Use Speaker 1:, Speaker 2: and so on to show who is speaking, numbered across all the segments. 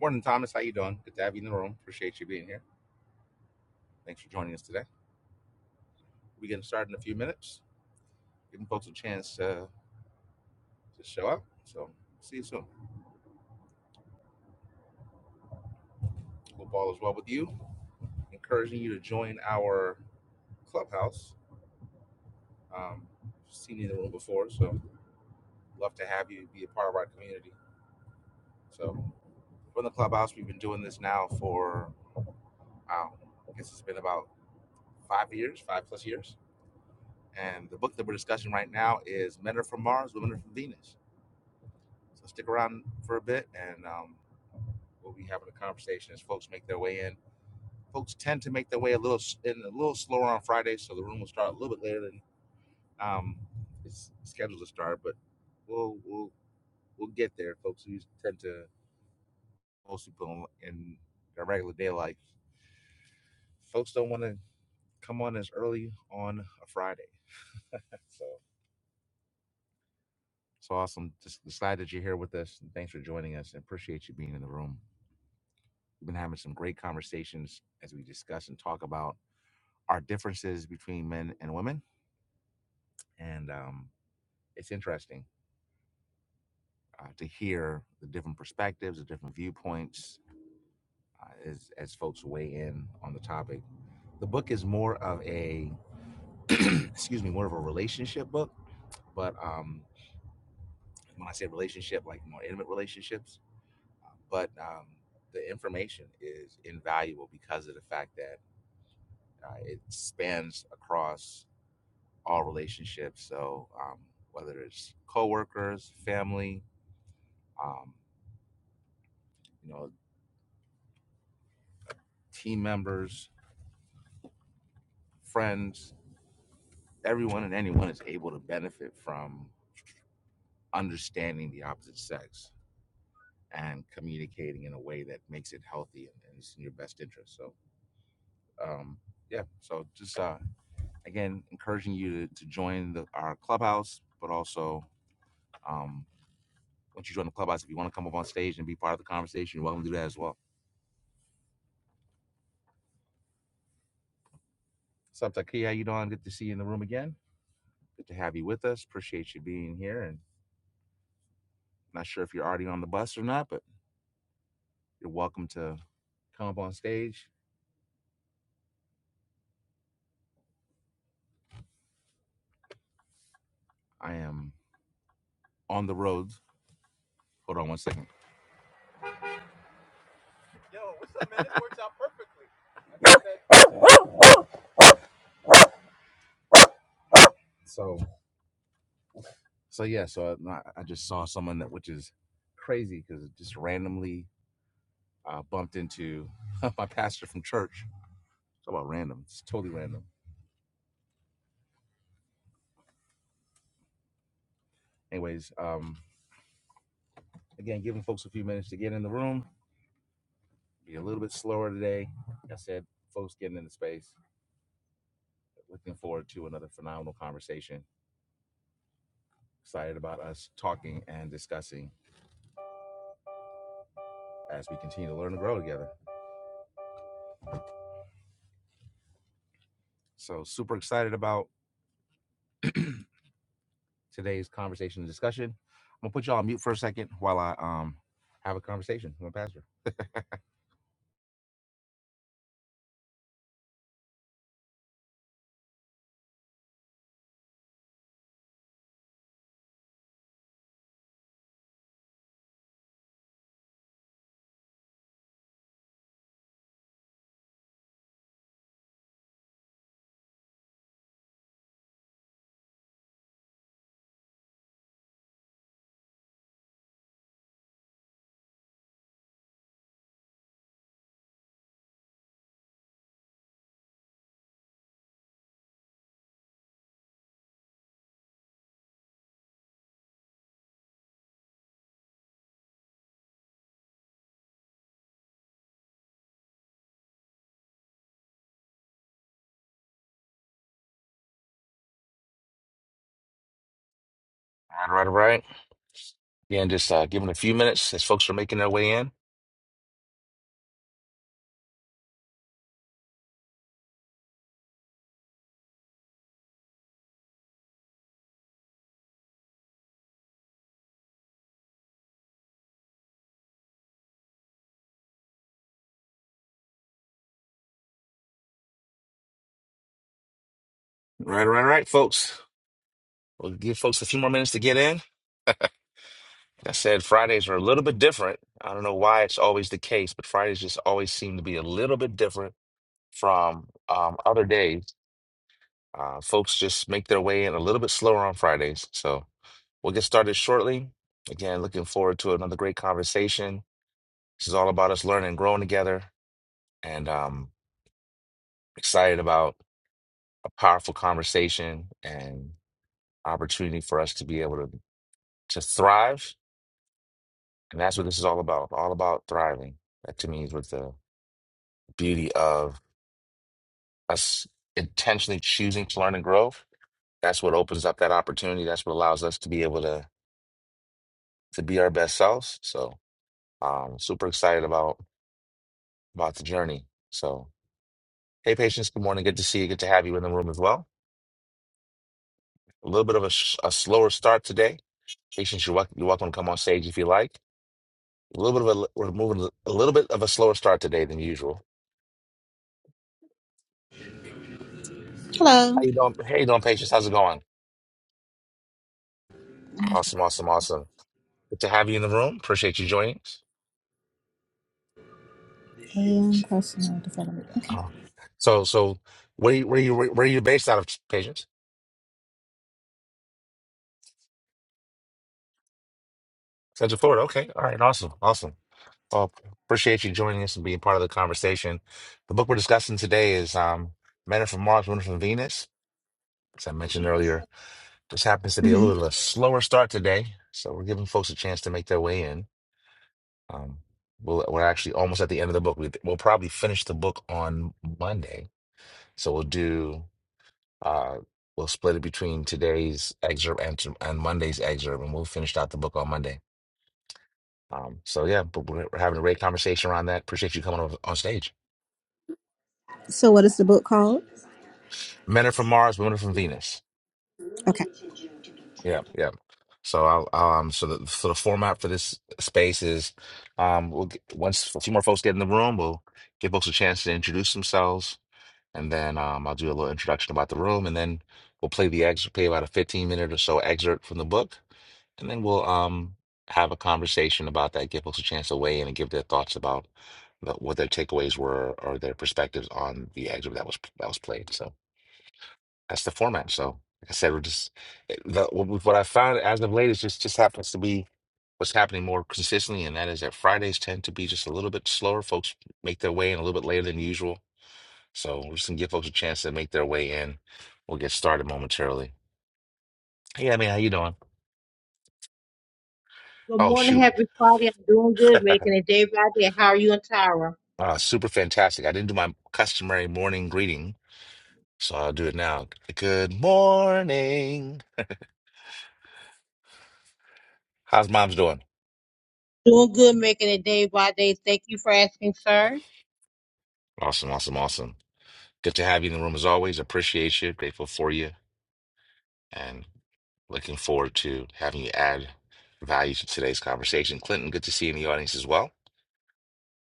Speaker 1: Morning, Thomas. How you doing? Good to have you in the room. Appreciate you being here. Thanks for joining us today. We're getting started in a few minutes, giving folks a chance uh, to show up. So see you soon. Hope all is well with you. Encouraging you to join our clubhouse. Um, seen you in the room before, so love to have you be a part of our community. So from the clubhouse, we've been doing this now for wow, I guess it's been about five years, five plus years. And the book that we're discussing right now is Men Are From Mars, Women Are From Venus So stick around for a bit, and um, we'll be having a conversation as folks make their way in. Folks tend to make their way a little in a little slower on Friday, so the room will start a little bit later than um, it's scheduled to start. But we'll we'll we'll get there. Folks who tend to most people in their regular day life, folks don't want to come on as early on a Friday. So it's awesome. Just glad that you're here with us. and Thanks for joining us, and appreciate you being in the room. We've been having some great conversations as we discuss and talk about. our differences between men and women. And um, it's interesting uh, to hear the different perspectives, the different viewpoints uh, as, as folks weigh in on the topic. The book is more of a, excuse me, more of a relationship book. But um, when I say relationship, like more intimate relationships, but um, the information is invaluable because of the fact that uh, it spans across all relationships. So um, whether it's coworkers, family, Um, you know, team members, friends, everyone and anyone is able to benefit from understanding the opposite sex and communicating in a way that makes it healthy and, and it's in your best interest. So, um, yeah. So just uh, again, encouraging you to, to join the, our clubhouse, but also um, once you join the clubhouse, if you want to come up on stage and be part of the conversation, you're welcome to do that as well. What's up, Taki? How you doing? Good to see you in the room again. Good to have you with us. Appreciate you being here and Not sure if you're already on the bus or not, but you're welcome to come up on stage. I am on the road. Hold on one second. Yo, what's up, man? This works out perfectly. so, so yeah, so uh, I, I just saw someone that, which is crazy because it just randomly uh, bumped into my pastor from church. It's about random. It's totally random. Anyways, um, again, giving folks a few minutes to get in the room. Be a little bit slower today. Like I said, folks getting in the space. Looking forward to another phenomenal conversation. Excited about us talking and discussing as we continue to learn and grow together. So, super excited about today's conversation and discussion. I'm gonna put y'all on mute for a second while I um have a conversation with my pastor. All right, all right, right. Again, just uh, give a few minutes as folks are making their way in. Right, right, right, folks. We'll give folks a few more minutes to get in. Like I said Fridays are a little bit different. I don't know why it's always the case, but Fridays just always seem to be a little bit different from um, other days. Uh, folks just make their way in a little bit slower on Fridays. So we'll get started shortly. Again, looking forward to another great conversation. This is all about us learning and growing together, and um, excited about a powerful conversation and opportunity for us to be able to to thrive And that's what this is all about, all about thriving. That to me is what the beauty of us intentionally choosing to learn and grow. That's what opens up that opportunity. That's what allows us to be able to to be our best selves. So um super excited about about the journey. So hey patience, good morning. Good to see you. Good to have you in the room as well. A little bit of a, sh- a slower start today. Patience, you're welcome, you're welcome to come on stage if you like. A little bit of a we're moving a little bit of a slower start today than usual. How
Speaker 2: Hello.
Speaker 1: you doing? Hey, you doing, patience? How's it going? Awesome, awesome, awesome. Good to have you in the room. Appreciate you joining us.
Speaker 2: AM personal development. Okay.
Speaker 1: Uh, so, so where you, where you where are you based out of, Patience? Central Florida. Okay. All right. Awesome. Awesome. Well, appreciate you joining us and being part of the conversation. The book we're discussing today is um, "Men Are from Mars, Women Are from Venus." As I mentioned earlier, this happens to be a
Speaker 2: hmm
Speaker 1: little bit of a slower start today, so we're giving folks a chance to make their way in. Um, we'll, we're actually almost at the end of the book. We, we'll probably finish the book on Monday, so we'll do. Uh, we'll split it between today's excerpt and, to- and Monday's excerpt, and we'll finish out the book on Monday. Um, so yeah, but we're, we're having a great conversation around that. Appreciate you coming over on stage.
Speaker 2: So, what is the book called?
Speaker 1: Men are from Mars, women are from Venus.
Speaker 2: Okay.
Speaker 1: Yeah, yeah. So I'll, I'll, um, so the so the format for this space is, um, we'll get, once a few more folks get in the room, we'll give folks a chance to introduce themselves, and then um, I'll do a little introduction about the room, and then we'll play the excerpt, play about a fifteen minute or so excerpt from the book, And then we'll um have a conversation about that, give folks a chance to weigh in and give their thoughts about the, what their takeaways were or their perspectives on the excerpt that was that was played. So that's the format. So like I said, we're just it- the, what I found as of late is just just happens to be what's happening more consistently, and that is that Fridays tend to be just a little bit slower. Folks make their way in a little bit later than usual. So we're just gonna give folks a chance to make their way in. We'll get started momentarily. Hey, I mean, how you doing?
Speaker 3: Good
Speaker 1: Oh,
Speaker 3: morning,
Speaker 1: shoot.
Speaker 3: happy Friday. I'm doing good, making it day by day. How are you and Tyra?
Speaker 1: Ah, super fantastic. I didn't do my customary morning greeting, so I'll do it now. Good morning. How's mom's doing?
Speaker 3: Doing good, making it day by day. Thank you for asking, sir.
Speaker 1: Awesome, awesome, awesome. Good to have you in the room as always. Appreciate you. Grateful for you. And looking forward to having you add value to today's conversation. Clinton, good to see you in the audience as well.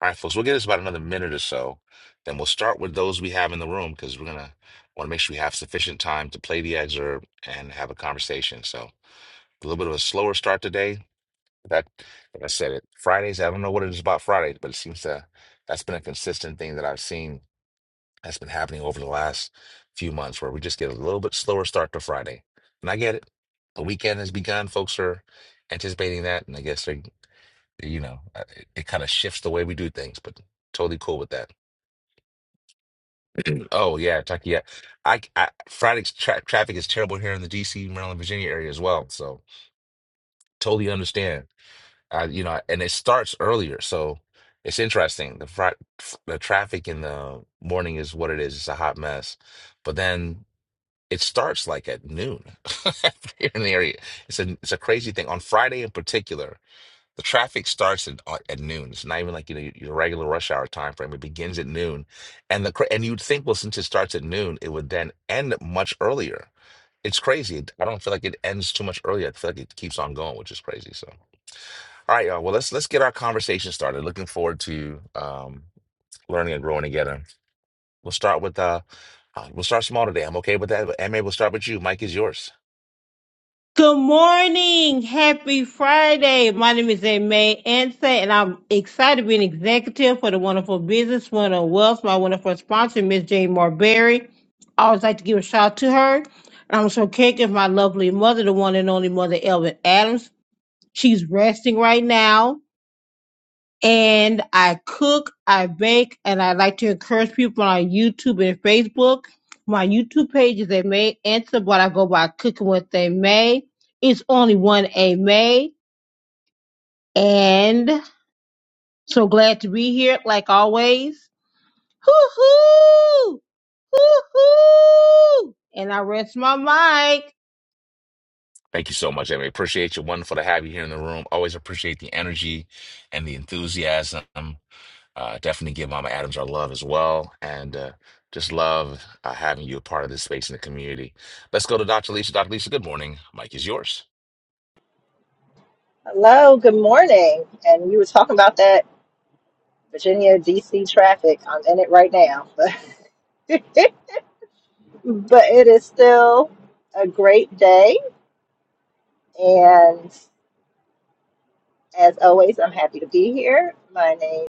Speaker 1: All right, folks, we'll give this about another minute or so. Then we'll start with those we have in the room because we're going to want to make sure we have sufficient time to play the excerpt and have a conversation. So a little bit of a slower start today That, like I said, it Fridays. I don't know what it is about Fridays, but it seems to that's been a consistent thing that I've seen that's been happening over the last few months, where we just get a little bit slower start to Friday. And I get it. The weekend has begun. Folks are anticipating that, and I guess they, you know, uh, it, it kind of shifts the way we do things. But totally cool with that. Oh yeah, Tucky. Yeah, I, I Friday's tra traffic is terrible here in the D.C., Maryland, Virginia area as well. So totally understand. I, you know, and it starts earlier, so it's interesting. The fr the traffic in the morning is what it is. It's a hot mess, but then it starts like at noon here in the area. It's a it's a crazy thing. On Friday in particular, the traffic starts at, uh, at noon. It's not even like you know your regular rush hour time frame. It begins at noon, and the cra- and you'd think well since it starts at noon, it would then end much earlier. It's crazy. I don't feel like it ends too much earlier. I feel like it keeps on going, which is crazy. So. All right, y'all. Well, let's let's get our conversation started. Looking forward to um, learning and growing together. We'll start with uh, uh, we'll start small today. I'm okay with that. But MA, we'll start with you. Mike is yours.
Speaker 3: Good morning, happy Friday. My name is May Ansa, and I'm excited to be an executive for the wonderful business, Wonderful Wealth, my wonderful sponsor, Miss Jane Marberry. I always like to give a shout out to her. And I'm so caking my lovely mother, the one and only mother, Elvin Adams. She's resting right now. and I cook, I bake, and I like to encourage people on YouTube and Facebook. My YouTube page is A May Answer, but I go by Cooking with A May. It's only one A May, and so glad to be here, like always. Hoo hoo, hoo hoo, and I rest my mic.
Speaker 1: Thank you so much, MA. Appreciate you. Wonderful to have you here in the room. Always appreciate the energy and the enthusiasm. Uh, definitely give Mama Adams our love as well, and uh, just love uh, having you a part of this space in the community. Let's go to Dr. Lisa. Dr. Lisa, good morning. Mike is yours.
Speaker 4: Hello, good morning. And you were talking about that Virginia DC traffic. I'm in it right now. But it is still a great day and as always I'm happy to be here. My name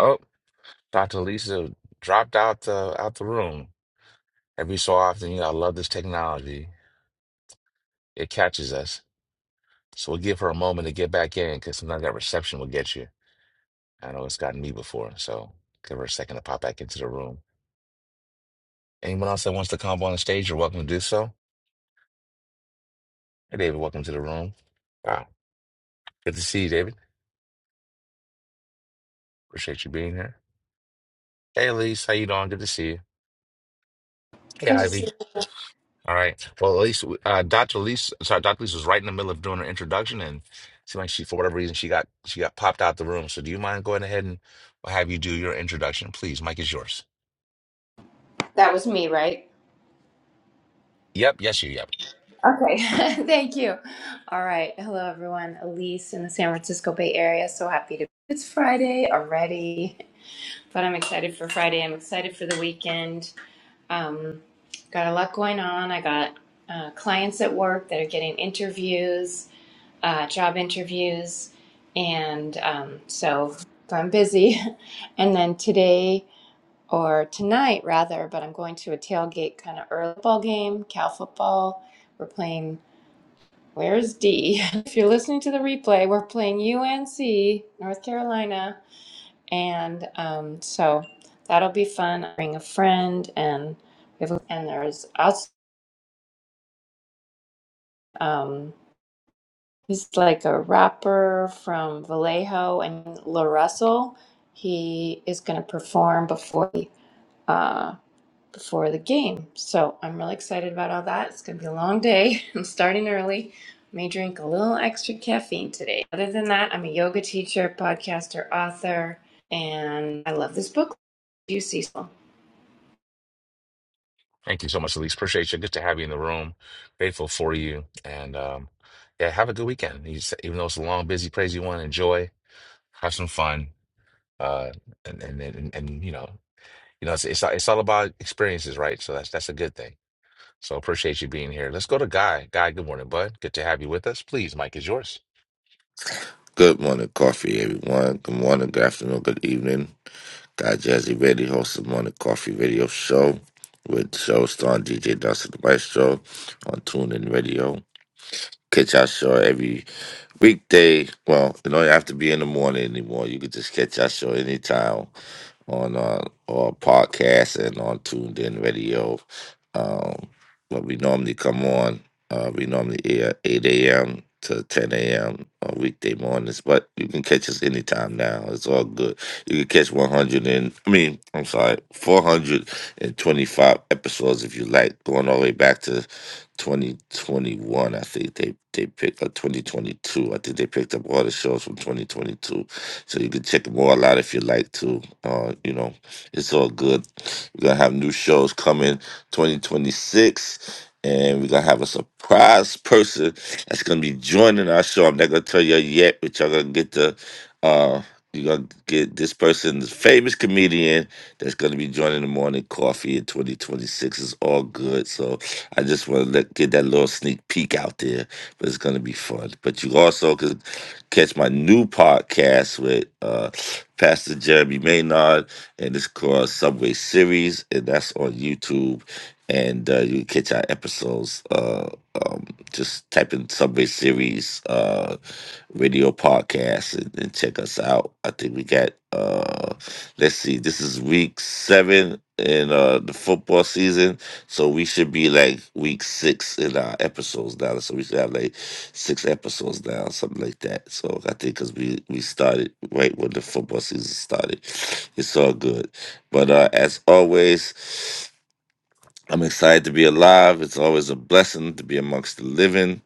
Speaker 1: Oh, Dr. Lisa dropped out the out the room. Every so often, you know, I love this technology. It catches us. So we'll give her a moment to get back in because sometimes that reception will get you. I know it's gotten me before. So give her a second to pop back into the room. Anyone else that wants to come up on the stage, you're welcome to do so. Hey, David, welcome to the room. Wow. Good to see you, David. Appreciate you being here. Hey, Elise, how you doing? Good to see you. Hey,
Speaker 5: Good to see.
Speaker 1: Ivy.
Speaker 5: you.
Speaker 1: All right. Well, at least uh, Dr. Lise, sorry, Dr. Lise was right in the middle of doing her introduction, and it seemed like she, for whatever reason, she got she got popped out the room. So, do you mind going ahead and i will have you do your introduction, please? Mike is yours.
Speaker 5: That was me, right?
Speaker 1: Yep. Yes, you. Yep.
Speaker 5: Okay. Thank you. All right. Hello, everyone. Elise in the San Francisco Bay Area. So happy to. It's Friday already, but I'm excited for Friday. I'm excited for the weekend. Um, got a lot going on. I got uh, clients at work that are getting interviews, uh, job interviews, and um, so so I'm busy. And then today. or tonight rather, but I'm going to a tailgate kind of early ball game, Cal football. We're playing, where's D? if you're listening to the replay, we're playing UNC, North Carolina. And um, so that'll be fun. I bring a friend and we have, and there's us, um, he's like a rapper from Vallejo and La Russell. He is going to perform before the. uh, before the game. So I'm really excited about all that. It's going to be a long day. I'm starting early. I May drink a little extra caffeine today. Other than that, I'm a yoga teacher, podcaster, author, and I love this book. You see, so
Speaker 1: Thank you so much, Elise. Appreciate you. Good to have you in the room. Grateful for you, and um, yeah, have a good weekend. You s- even though it's a long, busy, crazy one, enjoy. Have some fun. Uh, and and and, and you know, you know, it's, it's it's all about experiences, right? So that's that's a good thing. So appreciate you being here. Let's go to Guy. Guy, good morning, bud. Good to have you with us. Please, Mike is yours.
Speaker 6: Good morning, coffee, everyone. Good morning, good afternoon, good evening. Guy Jazzy Reddy hosts the Morning Coffee Radio Show with show starring DJ Dustin the Maestro on TuneIn Radio. Catch our show every weekday. Well, you don't have to be in the morning anymore. You can just catch our show anytime on uh, our podcast and on Tuned In Radio. Um, but we normally come on. Uh, we normally air 8 a.m. to 10 a.m. on weekday mornings, but you can catch us anytime now. It's all good. You can catch 100 and, I mean, I'm sorry, 425 episodes if you like, going all the way back to 2021. I think they, they picked up 2022. I think they picked up all the shows from 2022 so you can check them all out if you like to. Uh, you know, it's all good. We're gonna have new shows coming 2026. And we're gonna have a surprise person that's gonna be joining our show. I'm not gonna tell you yet, but y'all gonna get the uh you're gonna get this person, this famous comedian that's gonna be joining the morning coffee in 2026. It's all good. So I just wanna let get that little sneak peek out there. But it's gonna be fun. But you also could Catch my new podcast with uh, Pastor Jeremy Maynard, and it's called Subway Series, and that's on YouTube. And uh, you can catch our episodes. Uh, um, just type in Subway Series uh, radio podcast and, and check us out. I think we got. Uh, let's see, this is week seven in uh, the football season. So we should be like week six in our episodes now. So we should have like six episodes now, something like that. So I think because we we started right when the football season started, it's all good. But uh, as always. I'm excited to be alive. It's always a blessing to be amongst the living.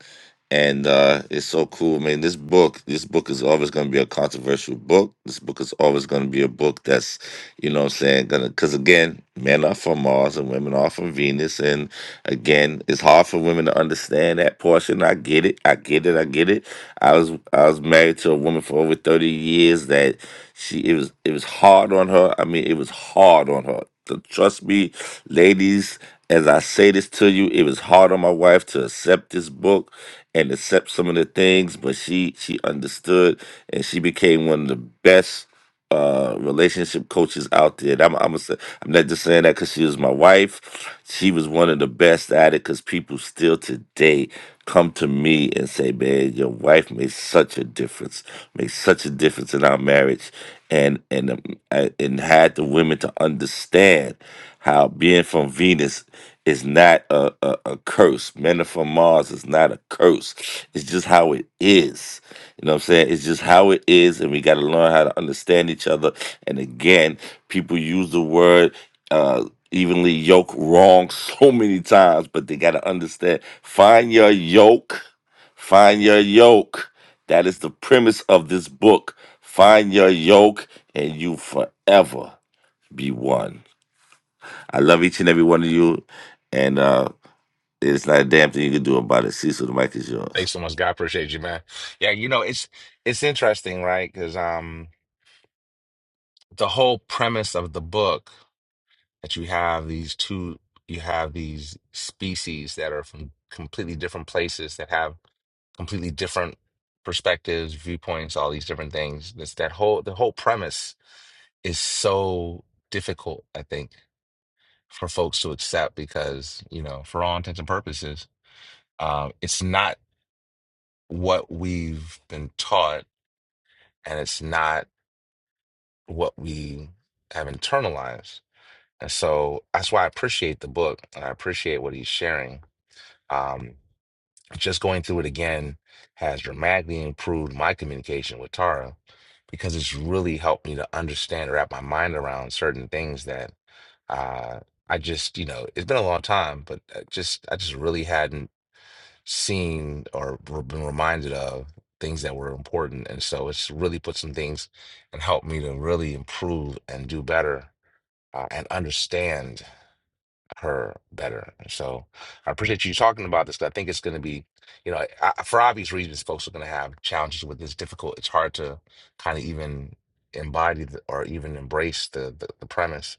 Speaker 6: And uh, it's so cool. I mean, this book, this book is always going to be a controversial book. This book is always going to be a book that's, you know what I'm saying, gonna because again, men are from Mars and women are from Venus. And again, it's hard for women to understand that portion. I get it. I get it. I get it I was I was married to a woman for over thirty years that she it was it was hard on her. I mean, it was hard on her. To trust me, ladies, as I say this to you, it was hard on my wife to accept this book and accept some of the things, but she she understood and she became one of the best uh, relationship coaches out there. And I'm I'm, i am i am gonna say, i am not just saying that because she was my wife. She was one of the best at it because people still today come to me and say, "Man, your wife made such a difference, made such a difference in our marriage," and and um, I- and had the women to understand how being from Venus is not a, a, a curse. Men are from Mars is not a curse. It's just how it is you know what I'm saying? It's just how it is, and we got to learn how to understand each other. And again, people use the word uh, evenly yoke wrong so many times, but they got to understand. Find your yoke. Find your yoke. That is the premise of this book. Find your yoke, and you forever be one. I love each and every one of you, and uh, it's not a damn thing you can do about it. Cecil, the mic is yours.
Speaker 1: Thanks so much, Guy. Appreciate you, man. Yeah, you know it's it's interesting, right? Because um, the whole premise of the book that you have these two, you have these species that are from completely different places that have completely different perspectives, viewpoints, all these different things. This that whole the whole premise is so difficult, I think, for folks to accept because you know, for all intents and purposes Um, it's not what we've been taught, and it's not what we have internalized. And so that's why I appreciate the book, and I appreciate what he's sharing. Um, just going through it again has dramatically improved my communication with Tara because it's really helped me to understand or wrap my mind around certain things that uh, I just, you know, it's been a long time, but I just I just really hadn't seen or re- been reminded of things that were important. And so it's really put some things and helped me to really improve and do better uh, and understand her better. And so I appreciate you talking about this 'cause I think it's going to be, you know, I, I- for obvious reasons, folks are going to have challenges with this. Difficult. It's hard to kind of even embody the, or even embrace the, the the premise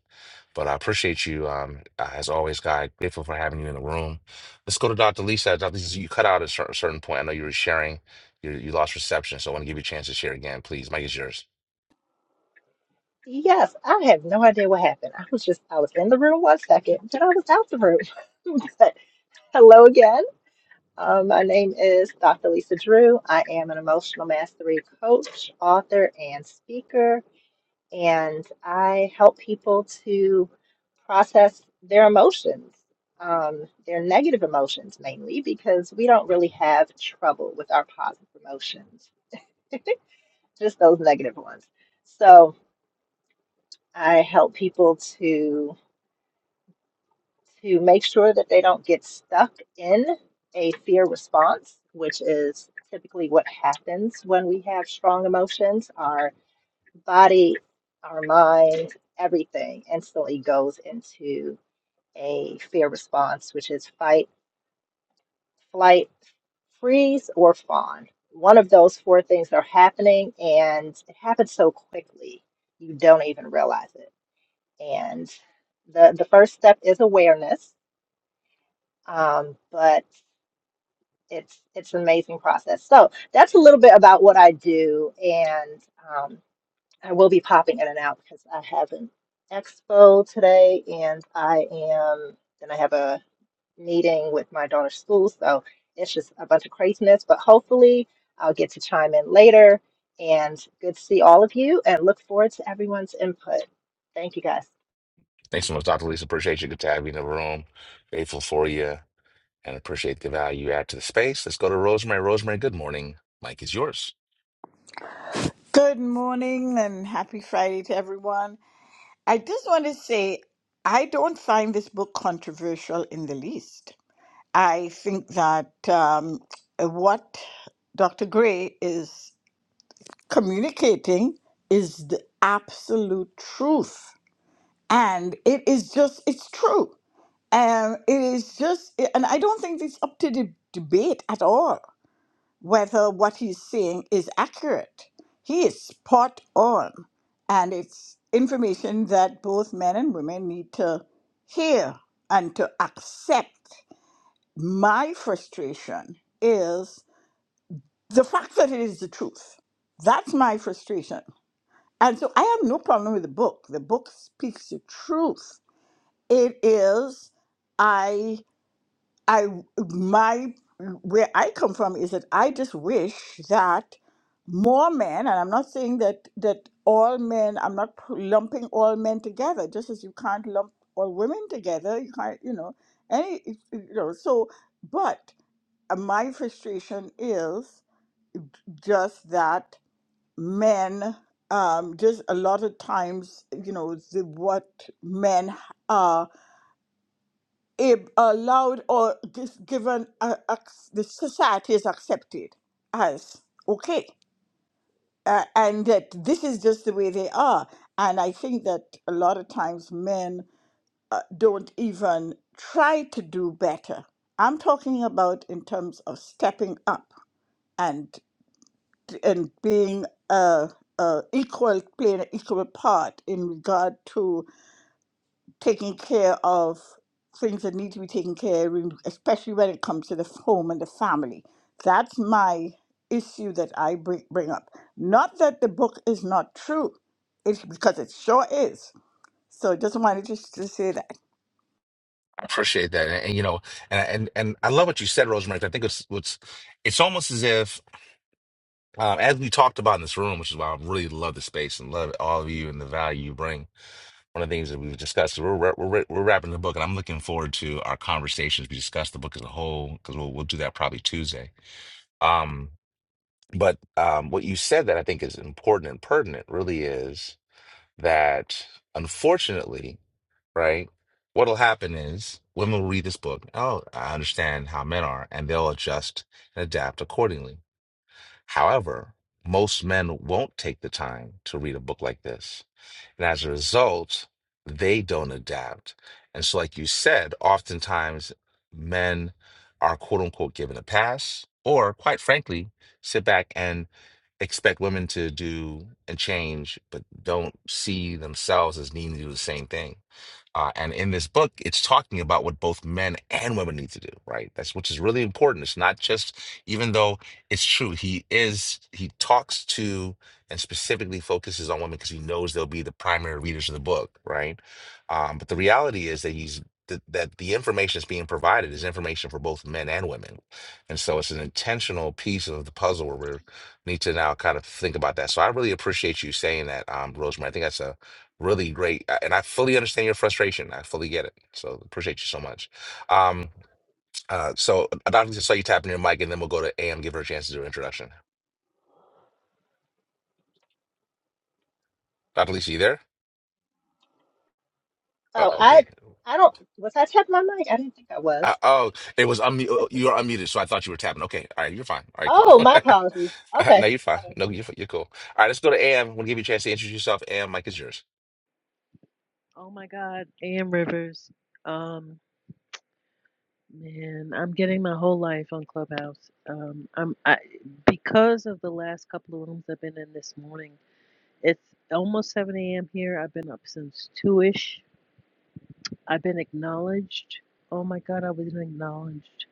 Speaker 1: but I appreciate you, um, uh, as always, guy. Grateful for having you in the room. Let's go to Dr. Lisa. Dr. Lisa, you cut out at a certain, certain point. I know you were sharing, you, you lost reception, so I want to give you a chance to share again. Please, Mike is yours.
Speaker 4: Yes, I have no idea what happened. I was just I was in the room one second, then I was out the room. but hello again. Um, my name is Dr. Lisa Drew. I am an emotional mastery coach, author, and speaker. and I help people to process their emotions, um, their negative emotions mainly, because we don't really have trouble with our positive emotions, just those negative ones. So I help people to to make sure that they don't get stuck in a fear response, which is typically what happens when we have strong emotions. Our body, our mind, everything instantly goes into a fear response, which is fight, flight, freeze, or fawn. One of those four things are happening, and it happens so quickly you don't even realize it. And the the first step is awareness, um, but it's it's an amazing process. So that's a little bit about what I do, and um, I will be popping in and out because I have an expo today and I am, and I have a meeting with my daughter's school. So it's just a bunch of craziness, but hopefully I'll get to chime in later. And good to see all of you and look forward to everyone's input. Thank you guys.
Speaker 1: Thanks so much, Dr. Lisa. Appreciate you. Good to have you in the room. Grateful for you and appreciate the value you add to the space. Let's go to Rosemary. Rosemary, good morning. Mike is yours.
Speaker 7: Good morning and happy Friday to everyone. I just want to say I don't find this book controversial in the least. I think that um, what Dr. Gray is communicating is the absolute truth. And it is just, it's true. Um, it is just, and I don't think it's up to the debate at all whether what he's saying is accurate. He is spot on, and it's information that both men and women need to hear and to accept. My frustration is the fact that it is the truth. That's my frustration. And so I have no problem with the book. The book speaks the truth. It is, I I my where I come from is that I just wish that more men, and I'm not saying that that all men, I'm not p- lumping all men together, just as you can't lump all women together, you can't, you know, any, you know, so, but uh, my frustration is just that men, um, just a lot of times, you know, the, what men are it allowed or this given uh, ac- the society is accepted as okay uh, and that this is just the way they are and i think that a lot of times men uh, don't even try to do better i'm talking about in terms of stepping up and and being uh, uh, equal playing an equal part in regard to taking care of things that need to be taken care of, especially when it comes to the home and the family. That's my issue that I bring, bring up. Not that the book is not true, it's because it sure is. So just wanted just to say that.
Speaker 1: I appreciate that, and, and, you know, and and and I love what you said, Rosemary. 'cause I think it's what's it's almost as if Um, as we talked about in this room, which is why I really love the space and love all of you and the value you bring. One of the things that we've discussed, we're wra- we're, wra- we're wrapping the book, and I'm looking forward to our conversations. We discuss the book as a whole because we'll we'll do that probably Tuesday. Um, but um, what you said that I think is important and pertinent really is that unfortunately, right, what'll happen is women will read this book. Oh, I understand how men are, and they'll adjust and adapt accordingly However, most men won't take the time to read a book like this. And as a result, they don't adapt. And so, like you said, oftentimes men are quote unquote given a pass, or quite frankly, sit back and expect women to do and change, but don't see themselves as needing to do the same thing. Uh, and in this book, it's talking about what both men and women need to do, right? That's which is really important. It's not just, even though it's true, he is, he talks to and specifically focuses on women because he knows they'll be the primary readers of the book, right? Um, but the reality is that he's, that, that the information that's being provided is information for both men and women. And so it's an intentional piece of the puzzle where we need to now kind of think about that. So I really appreciate you saying that, um, Rosemary. I think that's a really great uh, and i fully understand your frustration i fully get it so appreciate you so much um uh so uh, dr lisa saw you tapping your mic and then we'll go to am give her a chance to do her introduction dr lisa you there oh,
Speaker 4: Oh, I,
Speaker 1: okay
Speaker 4: I don't, was I tapping my mic? I didn't think I
Speaker 1: uh,
Speaker 4: was.
Speaker 1: oh it was unmute oh, you are unmuted so i thought you were tapping okay all right you're fine all right
Speaker 4: Oh,
Speaker 1: cool
Speaker 4: my apologies.
Speaker 1: Uh, no
Speaker 4: Okay.
Speaker 1: you're fine no you're, fi- you're cool all right let's go to am i'm gonna give you a chance to introduce yourself am mic is yours
Speaker 8: Oh my God, AM Rivers. Um, man, I'm getting my whole life on Clubhouse. Um, I'm I because of the last couple of rooms I've been in this morning. It's almost 7 a.m. here. I've been up since two-ish. I've been acknowledged. Oh my God, I was acknowledged.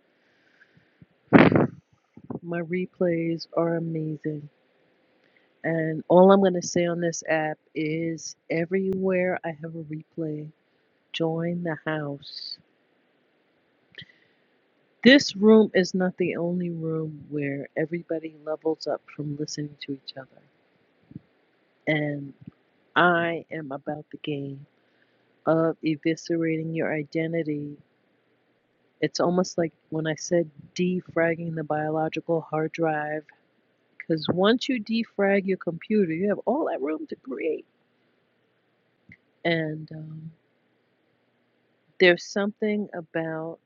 Speaker 8: My replays are amazing. And all I'm going to say on this app is everywhere I have a replay, join the house. This room is not the only room where everybody levels up from listening to each other. And I am about the game of eviscerating your identity. It's almost like when I said defragging the biological hard drive, because once you defrag your computer, you have all that room to create. And um, there's something about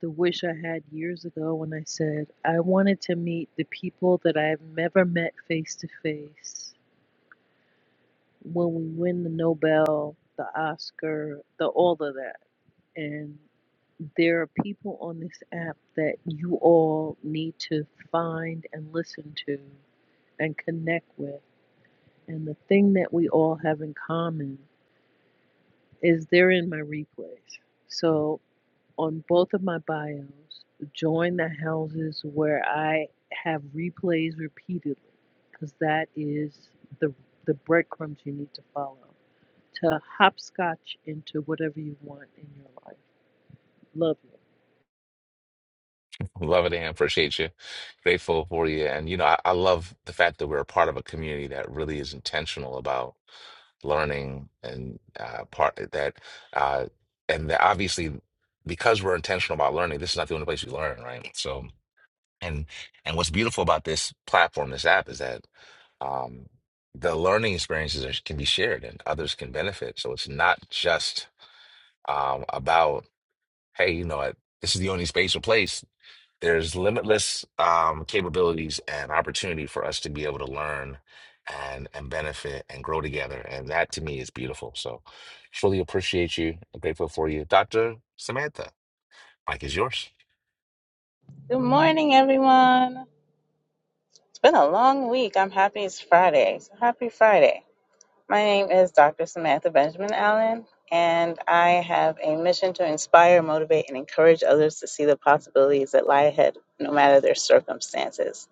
Speaker 8: the wish I had years ago when I said I wanted to meet the people that I've never met face to face when we win the Nobel, the Oscar, the all of that. And there are people on this app that you all need to find and listen to and connect with. And the thing that we all have in common is they're in my replays. So on both of my bios, join the houses where I have replays repeatedly because that is the the breadcrumbs you need to follow to hopscotch into whatever you want in your life. Love you.
Speaker 1: love it am appreciate you grateful for you and you know I, I love the fact that we're a part of a community that really is intentional about learning and uh, part that uh, and that obviously because we're intentional about learning this is not the only place you learn right so and and what's beautiful about this platform this app is that um, the learning experiences are, can be shared and others can benefit so it's not just um, about hey, you know, this is the only space or place. There's limitless um, capabilities and opportunity for us to be able to learn and and benefit and grow together. And that to me is beautiful. So truly appreciate you. I'm grateful for you. Dr. Samantha, Mike is yours.
Speaker 9: Good morning, everyone. It's been a long week. I'm happy it's Friday. So happy Friday. My name is Dr. Samantha Benjamin Allen, and I have a mission to inspire, motivate, and encourage others to see the possibilities that lie ahead, no matter their circumstances.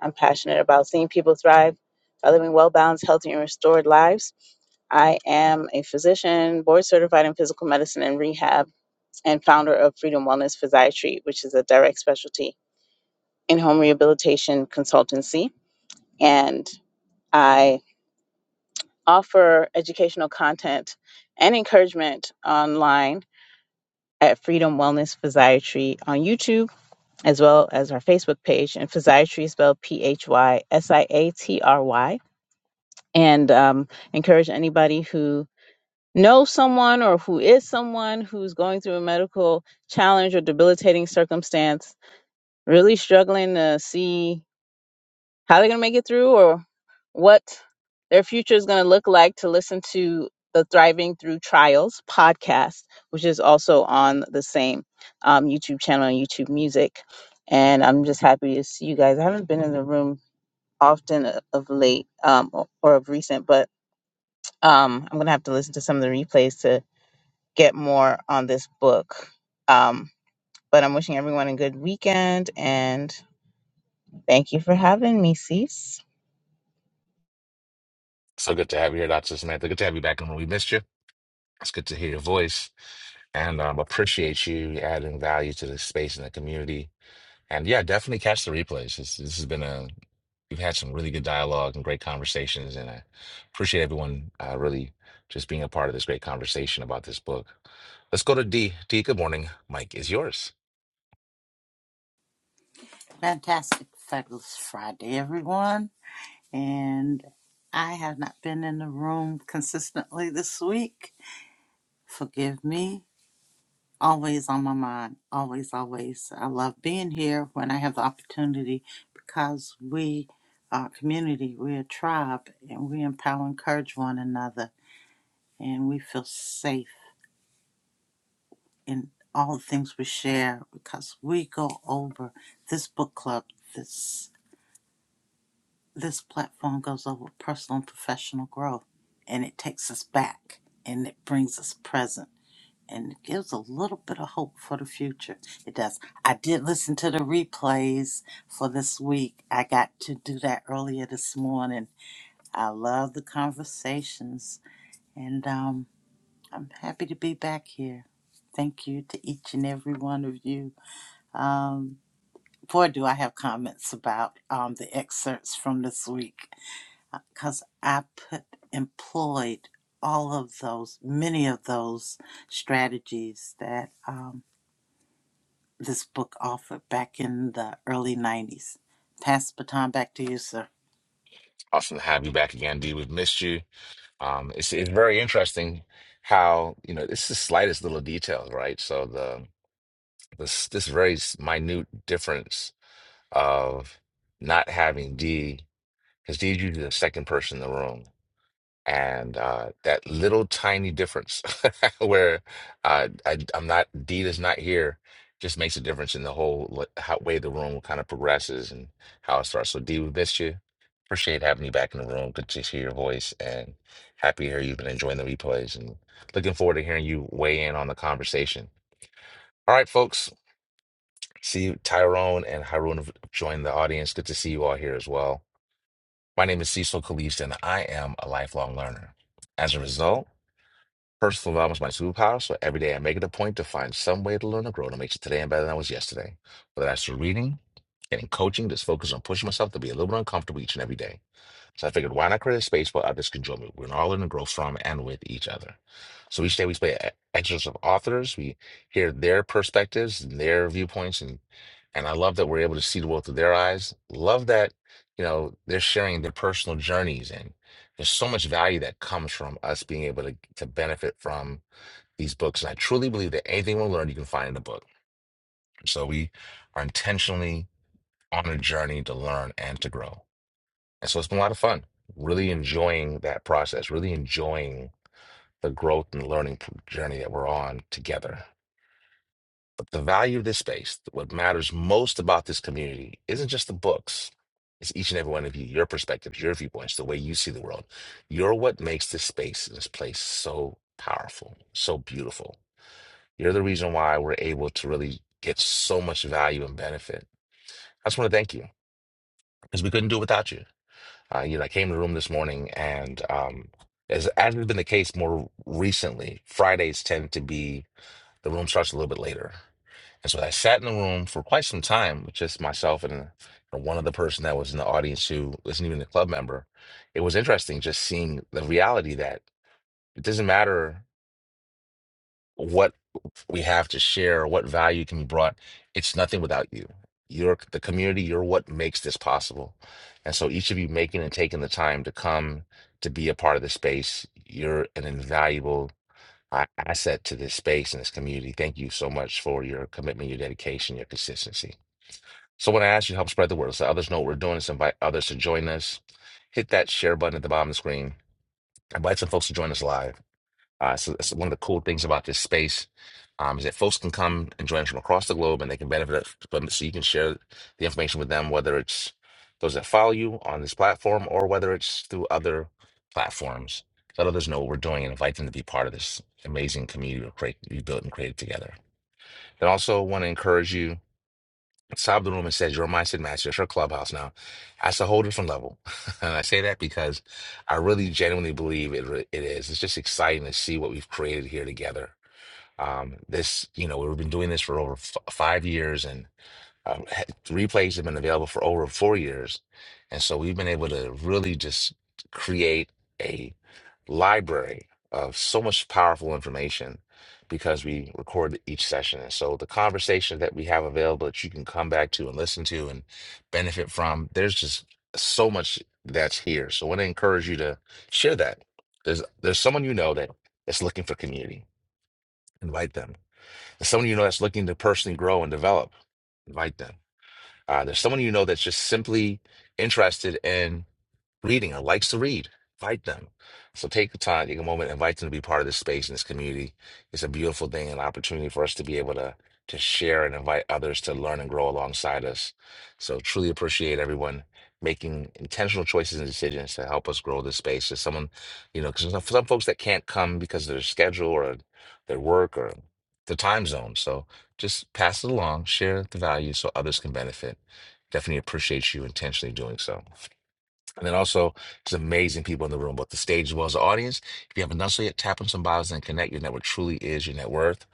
Speaker 9: I'm passionate about seeing people thrive by living well balanced, healthy, and restored lives. I am a physician, board certified in physical medicine and rehab, and founder of Freedom Wellness Physiatry, which is a direct specialty in home rehabilitation consultancy, and I offer educational content and encouragement online at Freedom Wellness Physiatry on YouTube, as well as our Facebook page. And physiatry is spelled P H Y S I A T R Y. And um, encourage anybody who knows someone or who is someone who's going through a medical challenge or debilitating circumstance, really struggling to see how they're going to make it through or what their future is going to look like to listen to the Thriving Through Trials podcast, which is also on the same um, YouTube channel and YouTube Music. And I'm just happy to see you guys. I haven't been in the room often o- of late um, o- or of recent, but um, I'm going to have to listen to some of the replays to get more on this book. Um, but I'm wishing everyone a good weekend and thank you for having me, Cease.
Speaker 1: So good to have you here, Dr. Samantha. Good to have you back in when we missed you. It's good to hear your voice and um, appreciate you adding value to this space and the community. And yeah, definitely catch the replays. This, this has been a we've had some really good dialogue and great conversations, and I appreciate everyone uh, really just being a part of this great conversation about this book. Let's go to D. D, good morning. Mike is yours.
Speaker 10: Fantastic Fabulous Friday, everyone. And I have not been in the room consistently this week. Forgive me. Always on my mind. Always, always. I love being here when I have the opportunity because we are a community, we're a tribe, and we empower and encourage one another. And we feel safe in all the things we share because we go over this book club, this this platform goes over personal and professional growth and it takes us back and it brings us present and it gives a little bit of hope for the future it does i did listen to the replays for this week i got to do that earlier this morning i love the conversations and um, i'm happy to be back here thank you to each and every one of you um, boy do i have comments about um, the excerpts from this week because I put employed all of those, many of those strategies that um, this book offered back in the early 90s. Pass the baton back to you, sir.
Speaker 1: Awesome to have you back again, D. We've missed you. Um, it's it's very interesting how you know it's the slightest little details, right? So the this this very s- minute difference of not having D because D is usually the second person in the room and uh, that little tiny difference where uh, I, I'm not D is not here just makes a difference in the whole like, how, way the room kind of progresses and how it starts. So D, we missed you. Appreciate having you back in the room. Good to hear your voice and happy to hear you've been enjoying the replays and looking forward to hearing you weigh in on the conversation. All right, folks. See you, Tyrone and Haroon have joined the audience. Good to see you all here as well. My name is Cecil Kalist and I am a lifelong learner. As a result. Personal development is my superpower, so every day I make it a point to find some way to learn and grow to make it today and better than I was yesterday. Whether that's through reading, getting coaching, just focus on pushing myself to be a little bit uncomfortable each and every day. So I figured, why not create a space where others can join me? We can all learn and grow from and with each other. So each day we play e- excerpts of authors. We hear their perspectives and their viewpoints, and and I love that we're able to see the world through their eyes. Love that, you know, they're sharing their personal journeys. And there's so much value that comes from us being able to, to benefit from these books. And I truly believe that anything we'll learn, you can find in a book. So we are intentionally on a journey to learn and to grow. And so it's been a lot of fun, really enjoying that process, really enjoying the growth and learning p- journey that we're on together. But the value of this space, what matters most about this community, isn't just the books. It's each and every one of you, your perspectives, your viewpoints, the way you see the world. You're what makes this space and this place so powerful, so beautiful. You're the reason why we're able to really get so much value and benefit. I just want to thank you because we couldn't do it without you. Uh, you know, I came to the room this morning, and um, as as has been the case more recently, Fridays tend to be the room starts a little bit later. And so I sat in the room for quite some time with just myself and uh, one other person that was in the audience who wasn't even a club member. It was interesting just seeing the reality that it doesn't matter what we have to share, or what value can be brought, it's nothing without you. You're the community, you're what makes this possible. And so each of you making and taking the time to come to be a part of the space, you're an invaluable a- asset to this space and this community. Thank you so much for your commitment, your dedication, your consistency. So when I ask you to help spread the word, so others know what we're doing, so invite others to join us. Hit that share button at the bottom of the screen. Invite some folks to join us live. Uh, so that's one of the cool things about this space um, is that folks can come and join us from across the globe and they can benefit from it. So you can share the information with them, whether it's those that follow you on this platform or whether it's through other platforms. Let others know what we're doing and invite them to be part of this amazing community we create, we built and created together. And also want to encourage you. Sobbed the room and said, "Your mindset match. It's her clubhouse now. That's a whole different level. and I say that because I really genuinely believe it, re- it is. It's just exciting to see what we've created here together. Um, this, you know, we've been doing this for over f- five years and um, ha- replays have been available for over four years. And so we've been able to really just create library of so much powerful information because we record each session. And so the conversation that we have available that you can come back to and listen to and benefit from, there's just so much that's here. So I want to encourage you to share that. There's there's someone you know that is looking for community. Invite them. There's someone you know that's looking to personally grow and develop. Invite them. Uh, there's someone you know that's just simply interested in reading or likes to read. Invite them. So take the time, take a moment, invite them to be part of this space and this community. It's a beautiful thing, an opportunity for us to be able to to share and invite others to learn and grow alongside us. So truly appreciate everyone making intentional choices and decisions to help us grow this space. There's someone, you know, because some some folks that can't come because of their schedule or their work or the time zone. So just pass it along, share the value so others can benefit. Definitely appreciate you intentionally doing so. And then also just amazing people in the room, both the stage as well as the audience. If you haven't done so yet, tap on some bios and connect. Your network truly is your net worth.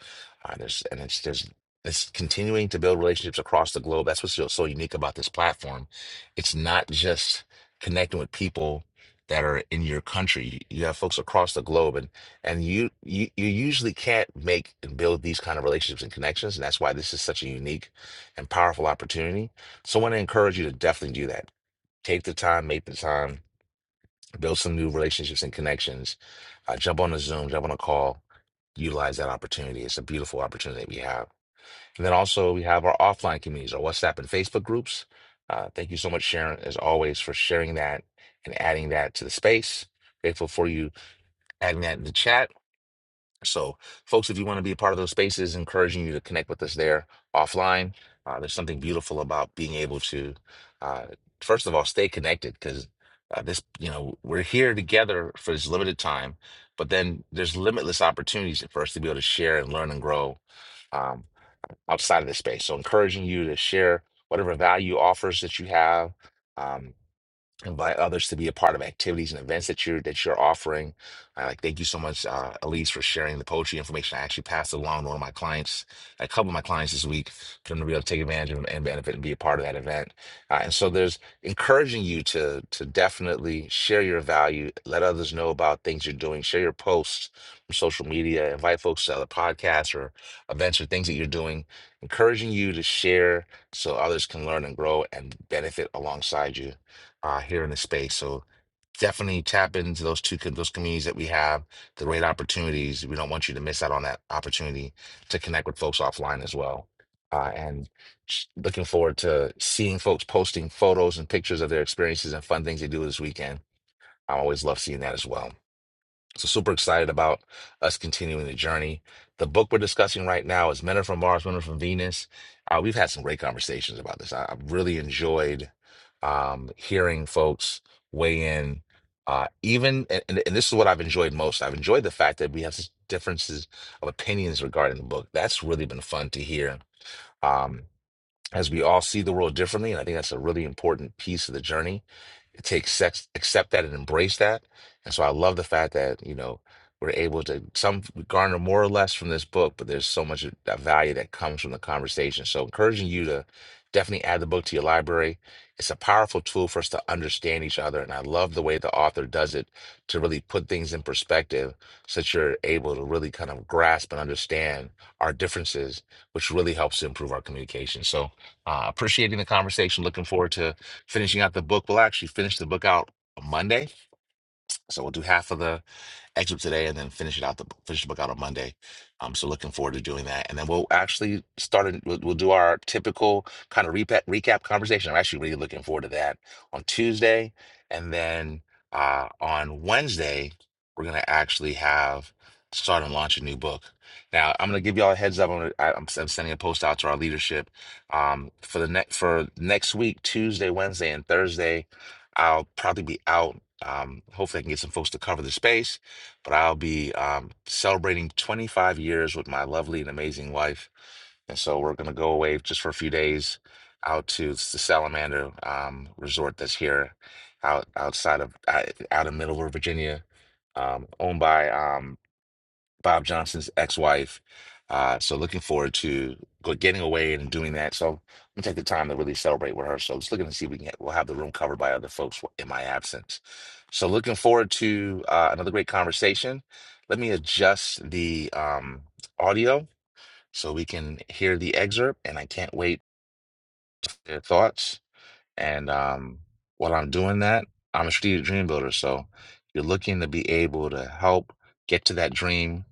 Speaker 1: Uh, there's and it's there's it's continuing to build relationships across the globe. That's what's so, so unique about this platform. It's not just connecting with people that are in your country. You have folks across the globe, and and you you you usually can't make and build these kind of relationships and connections. And that's why this is such a unique and powerful opportunity. So I want to encourage you to definitely do that Take the time, make the time, build some new relationships and connections. Uh, jump on a Zoom, jump on a call, utilize that opportunity. It's a beautiful opportunity that we have. And then also we have our offline communities, our WhatsApp and Facebook groups. Uh, thank you so much, Sharon, as always, for sharing that and adding that to the space. Grateful for you adding that in the chat. So, folks, if you want to be a part of those spaces, encouraging you to connect with us there offline. Uh, there's something beautiful about being able to, uh, first of all, stay connected because uh, this, you know, we're here together for this limited time, but then there's limitless opportunities for us to be able to share and learn and grow um, outside of this space. So, encouraging you to share whatever value offers that you have. Um, invite others to be a part of activities and events that you're that you're offering. I like thank you so much, uh, Elise, for sharing the poetry information. I actually passed along to one of my clients, a couple of my clients this week, for them to be able to take advantage of and benefit and be a part of that event. Uh, and so there's encouraging you to to definitely share your value, let others know about things you're doing, share your posts from social media, invite folks to other podcasts or events or things that you're doing, encouraging you to share so others can learn and grow and benefit alongside you uh, here in the space. So definitely tap into those two com- those communities that we have, the great opportunities. We don't want you to miss out on that opportunity to connect with folks offline as well. Uh, and s- looking forward to seeing folks posting photos and pictures of their experiences and fun things they do this weekend. I always love seeing that as well. So super excited about us continuing the journey. The book we're discussing right now is Men Are From Mars, Women Are From Venus. Uh, we've had some great conversations about this. I, I've really enjoyed um, hearing folks weigh in. Uh, even and, and and this is what I've enjoyed most. I've enjoyed the fact that we have such differences of opinions regarding the book. That's really been fun to hear. Um, as we all see the world differently. And I think that's a really important piece of the journey. It takes sex, accept that and embrace that. And so I love the fact that, you know, we're able to some garner more or less from this book, but there's so much of value that comes from the conversation. So encouraging you to definitely add the book to your library. It's a powerful tool for us to understand each other. And I love the way the author does it to really put things in perspective so that you're able to really kind of grasp and understand our differences, which really helps to improve our communication. So uh, appreciating the conversation. Looking forward to finishing out the book. We'll actually finish the book out on Monday. So we'll do half of the excerpt today and then finish it out the finish the book out on Monday. Um, so looking forward to doing that, and then we'll actually start. A, we'll, we'll do our typical kind of recap recap conversation. I'm actually really looking forward to that on Tuesday, and then uh, on Wednesday we're gonna actually have start and launch a new book. Now I'm gonna give y'all a heads up. I'm gonna, I, I'm, I'm sending a post out to our leadership um, for the next for next week, Tuesday, Wednesday, and Thursday. I'll probably be out. Um, hopefully, I can get some folks to cover the space but I'll be um, celebrating 25 years with my lovely and amazing wife. And so we're going to go away just for a few days out to s- the Salamander um, resort that's here out outside of out, out of Middle River, Virginia, um, owned by um, Bob Johnson's ex-wife. Uh, so looking forward to go getting away and doing that. So I'm gonna take the time to really celebrate with her. So just looking to see if we can we'll have the room covered by other folks in my absence. So looking forward to uh, another great conversation. Let me adjust the um, audio so we can hear the excerpt, and I can't wait to hear your thoughts. And um, while I'm doing that, I'm a strategic dream builder. So you're looking to be able to help get to that dream,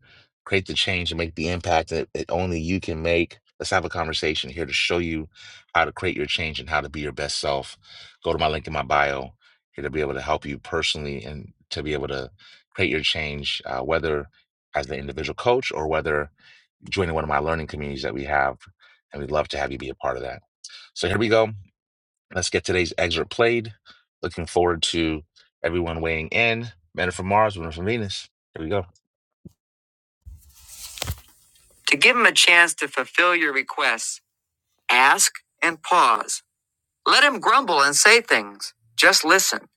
Speaker 1: create the change, and make the impact that, that only you can make. Let's have a conversation here to show you how to create your change and how to be your best self. Go to my link in my bio here to be able to help you personally and to be able to create your change, uh, whether as an individual coach or whether joining one of my learning communities that we have. And we'd love to have you be a part of that. So here we go. Let's get today's excerpt played. Looking forward to everyone weighing in. Men are from Mars, women are from Venus. Here we go. To give him a chance to fulfill your requests, ask and pause. Let him grumble and say things. Just listen.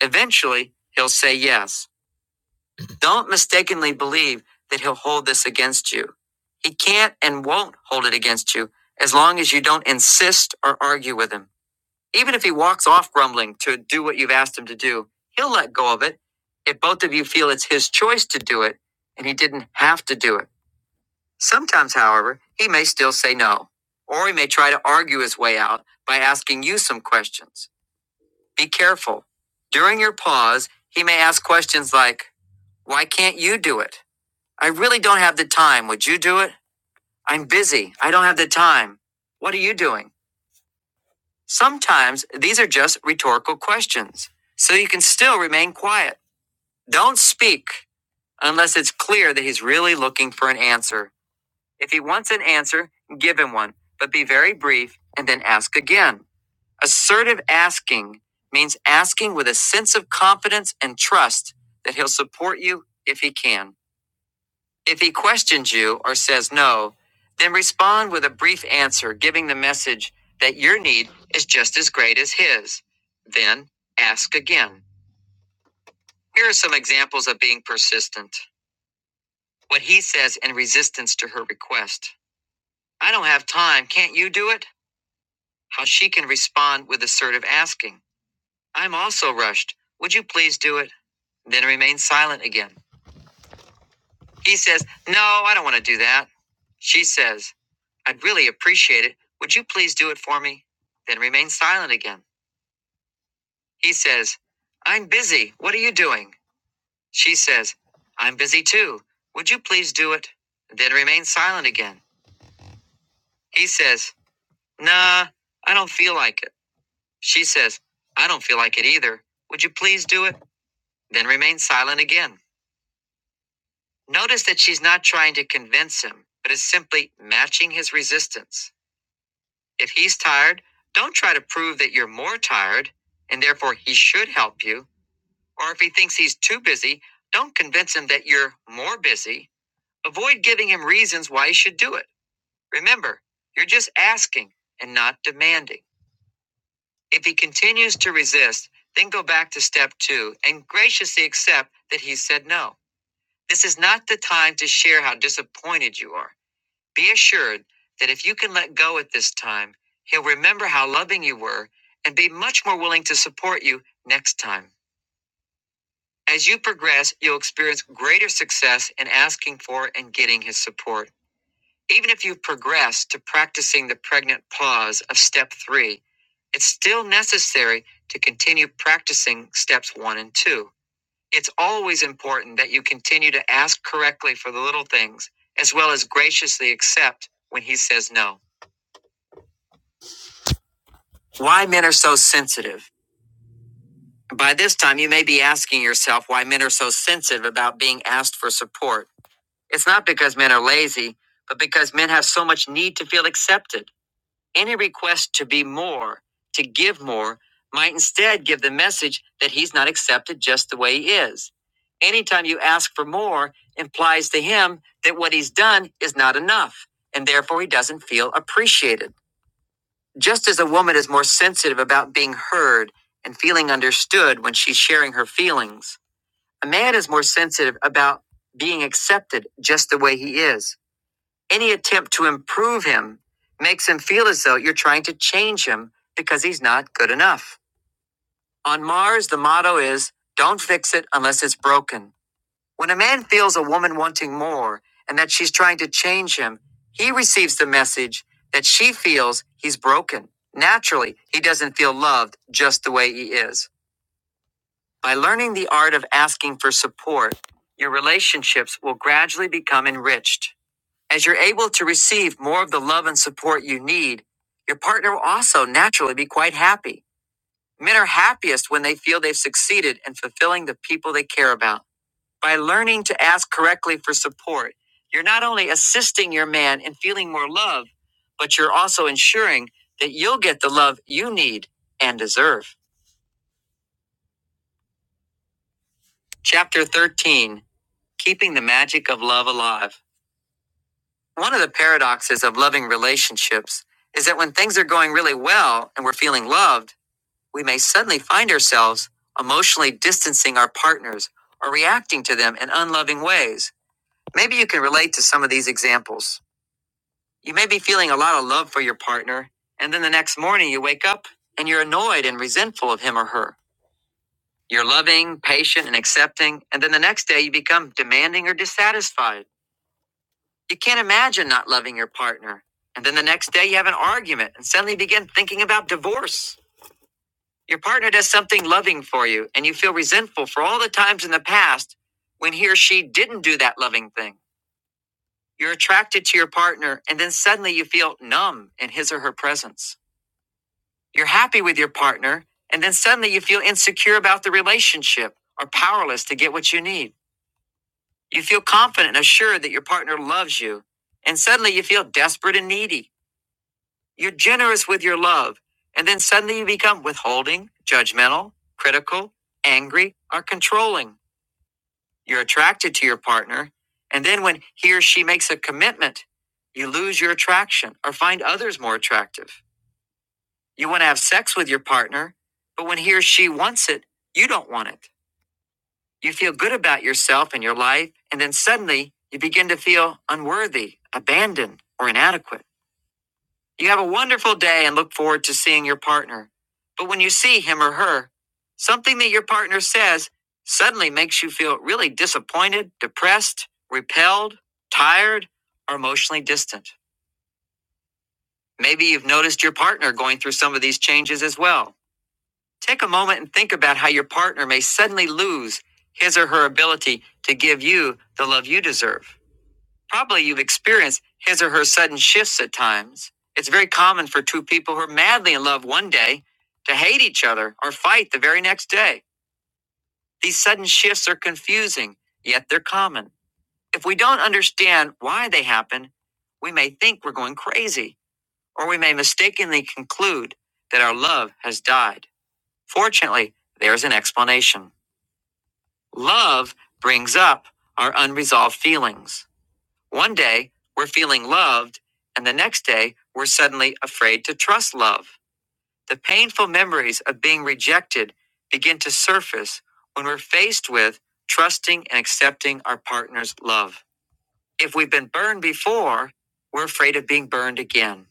Speaker 1: Eventually, he'll say yes. Don't mistakenly believe that he'll hold this against you. He can't and won't hold it against you as long as you don't insist or argue with him. Even if he walks off grumbling to do what you've asked him to do, he'll let go of it if both of you feel it's his choice to do it and he didn't have to do it. Sometimes, however, he may still say no, or he may try to argue his way out by asking you some questions. Be careful. During your pause, he may ask questions like, Why can't you do it? I really don't have the time. Would you do it? I'm busy. I don't have the time. What are you doing? Sometimes these are just rhetorical questions, so you can still remain quiet. Don't speak unless it's clear that he's really looking for an answer. If he wants an answer, give him one, but be very brief and then ask again. Assertive asking means asking with a sense of confidence and trust that he'll support you if he can. If he questions you or says no, then respond with a brief answer giving the message that your need is just as great as his. Then ask again. Here are some examples of being persistent. What he says in resistance to her request I don't have time. Can't you do it? How she can respond with assertive asking I'm also rushed. Would you please do it? Then remain silent again. He says, No, I don't want to do that. She says, I'd really appreciate it. Would you please do it for me? Then remains silent again. He says, I'm busy. What are you doing? She says, I'm busy too. Would you please do it? Then remains silent again. He says, Nah, I don't feel like it. She says, I don't feel like it either. Would you please do it? Then remains silent again. Notice that she's not trying to convince him, but is simply matching his resistance. If he's tired, don't try to prove that you're more tired and therefore he should help you. Or if he thinks he's too busy, don't convince him that you're more busy. Avoid giving him reasons why he should do it. Remember, you're just asking and not demanding. If he continues to resist, then go back to step two and graciously accept that he said no. This is not the time to share how disappointed you are. Be assured that if you can let go at this time, he'll remember how loving you were and be much more willing to support you next time. As you progress, you'll experience greater success in asking for and getting his support. Even if you've progressed to practicing the pregnant pause of step three, it's still necessary to continue practicing steps one and two. It's always important that you continue to ask correctly for the little things, as well as graciously accept when he says no. Why men are so sensitive. By this time, you may be asking yourself why men are so sensitive about being asked for support. It's not because men are lazy, but because men have so much need to feel accepted. Any request to be more, to give more, might instead give the message that he's not accepted just the way he is. Anytime you ask for more implies to him that what he's done is not enough, and therefore he doesn't feel appreciated. Just as a woman is more sensitive about being heard and feeling understood when she's sharing her feelings, a man is more sensitive about being accepted just the way he is. Any attempt to improve him makes him feel as though you're trying to change him because he's not good enough. On Mars, the motto is don't fix it unless it's broken. When a man feels a woman wanting more and that she's trying to change him, he receives the message that she feels he's broken. Naturally, he doesn't feel loved just the way he is. By learning the art of asking for support, your relationships will gradually become enriched. As you're able to receive more of the love and support you need, your partner will also naturally be quite happy. Men are happiest when they feel they've succeeded in fulfilling the people they care about. By learning to ask correctly for support, you're not only assisting your man in feeling more love, but you're also ensuring that you'll get the love you need and deserve. Chapter 13 Keeping the Magic of Love Alive. One of the paradoxes of loving relationships is that when things are going really well and we're feeling loved, we may suddenly find ourselves emotionally distancing our partners or reacting to them in unloving ways. Maybe you can relate to some of these examples. You may be feeling a lot of love for your partner, and then the next morning you wake up and you're annoyed and resentful of him or her. You're loving, patient, and accepting, and then the next day you become demanding or dissatisfied. You can't imagine not loving your partner. And then the next day you have an argument and suddenly begin thinking about divorce. Your partner does something loving for you, and you feel resentful for all the times in the past when he or she didn't do that loving thing. You're attracted to your partner, and then suddenly you feel numb in his or her presence. You're happy with your partner, and then suddenly you feel insecure about the relationship or powerless to get what you need. You feel confident and assured that your partner loves you, and suddenly you feel desperate and needy. You're generous with your love, and then suddenly you become withholding, judgmental, critical, angry, or controlling. You're attracted to your partner, and then when he or she makes a commitment, you lose your attraction or find others more attractive. You want to have sex with your partner, but when he or she wants it, you don't want it. You feel good about yourself and your life, and then suddenly you begin to feel unworthy, abandoned, or inadequate. You have a wonderful day and look forward to seeing your partner. But when you see him or her, something that your partner says suddenly makes you feel really disappointed, depressed, repelled, tired, or emotionally distant. Maybe you've noticed your partner going through some of these changes as well. Take a moment and think about how your partner may suddenly lose his or her ability to give you the love you deserve. Probably you've experienced his or her sudden shifts at times. It's very common for two people who are madly in love one day to hate each other or fight the very next day. These sudden shifts are confusing, yet they're common. If we don't understand why they happen, we may think we're going crazy, or we may mistakenly conclude that our love has died. Fortunately, there's an explanation. Love brings up our unresolved feelings. One day, we're feeling loved, and the next day, we're suddenly afraid to trust love. The painful memories of being rejected begin to surface when we're faced with trusting and accepting our partner's love. If we've been burned before, we're afraid of being burned again.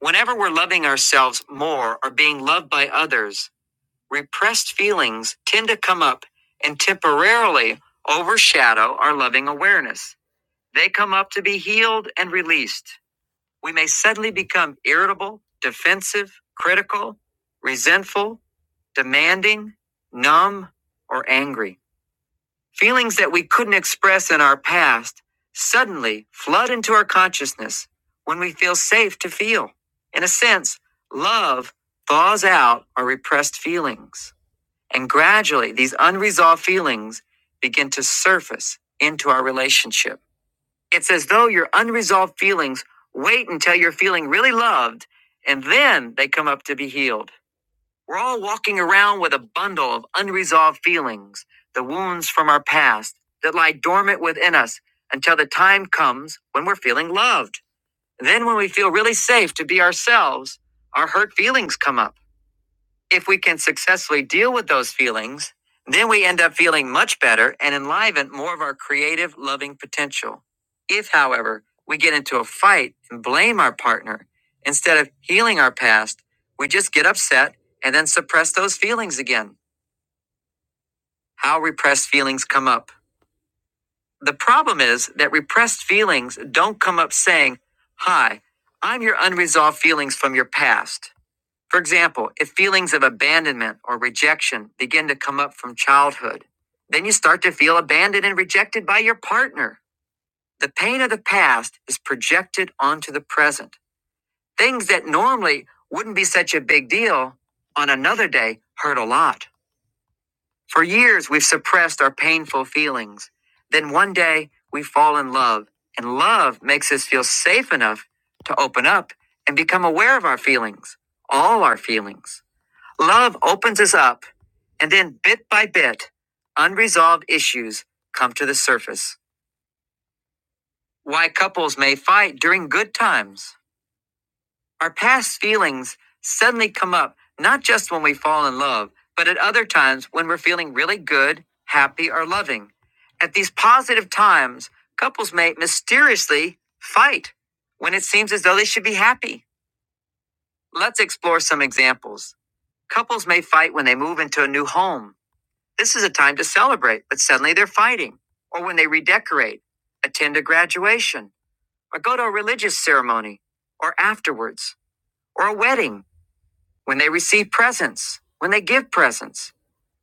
Speaker 1: Whenever we're loving ourselves more or being loved by others, Repressed feelings tend to come up and temporarily overshadow our loving awareness. They come up to be healed and released. We may suddenly become irritable, defensive, critical, resentful, demanding, numb, or angry. Feelings that we couldn't express in our past suddenly flood into our consciousness when we feel safe to feel. In a sense, love thaws out our repressed feelings. And gradually, these unresolved feelings begin to surface into our relationship. It's as though your unresolved feelings wait until you're feeling really loved, and then they come up to be healed. We're all walking around with a bundle of unresolved feelings, the wounds from our past that lie dormant within us until the time comes when we're feeling loved. And Then, when we feel really safe to be ourselves, our hurt feelings come up. If we can successfully deal with those feelings, then we end up feeling much better and enliven more of our creative, loving potential. If, however, we get into a fight and blame our partner, instead of healing our past, we just get upset and then suppress those feelings again. How repressed feelings come up. The problem is that repressed feelings don't come up saying, Hi, I'm your unresolved feelings from your past. For example, if feelings of abandonment or rejection begin to come up from childhood, then you start to feel abandoned and rejected by your partner. The pain of the past is projected onto the present. Things that normally wouldn't be such a big deal on another day hurt a lot. For years, we've suppressed our painful feelings. Then one day, we fall in love, and love makes us feel safe enough to open up and become aware of our feelings, all our feelings. Love opens us up, and then bit by bit, unresolved issues come to the surface. Why couples may fight during good times. Our past feelings suddenly come up, not just when we fall in love, but at other times when we're feeling really good, happy, or loving. At these positive times, couples may mysteriously fight when it seems as though they should be happy. Let's explore some examples. Couples may fight when they move into a new home. This is a time to celebrate, but suddenly they're fighting. Or when they redecorate, attend a graduation, or go to a religious ceremony, or afterwards, or a wedding, when they receive presents, when they give presents,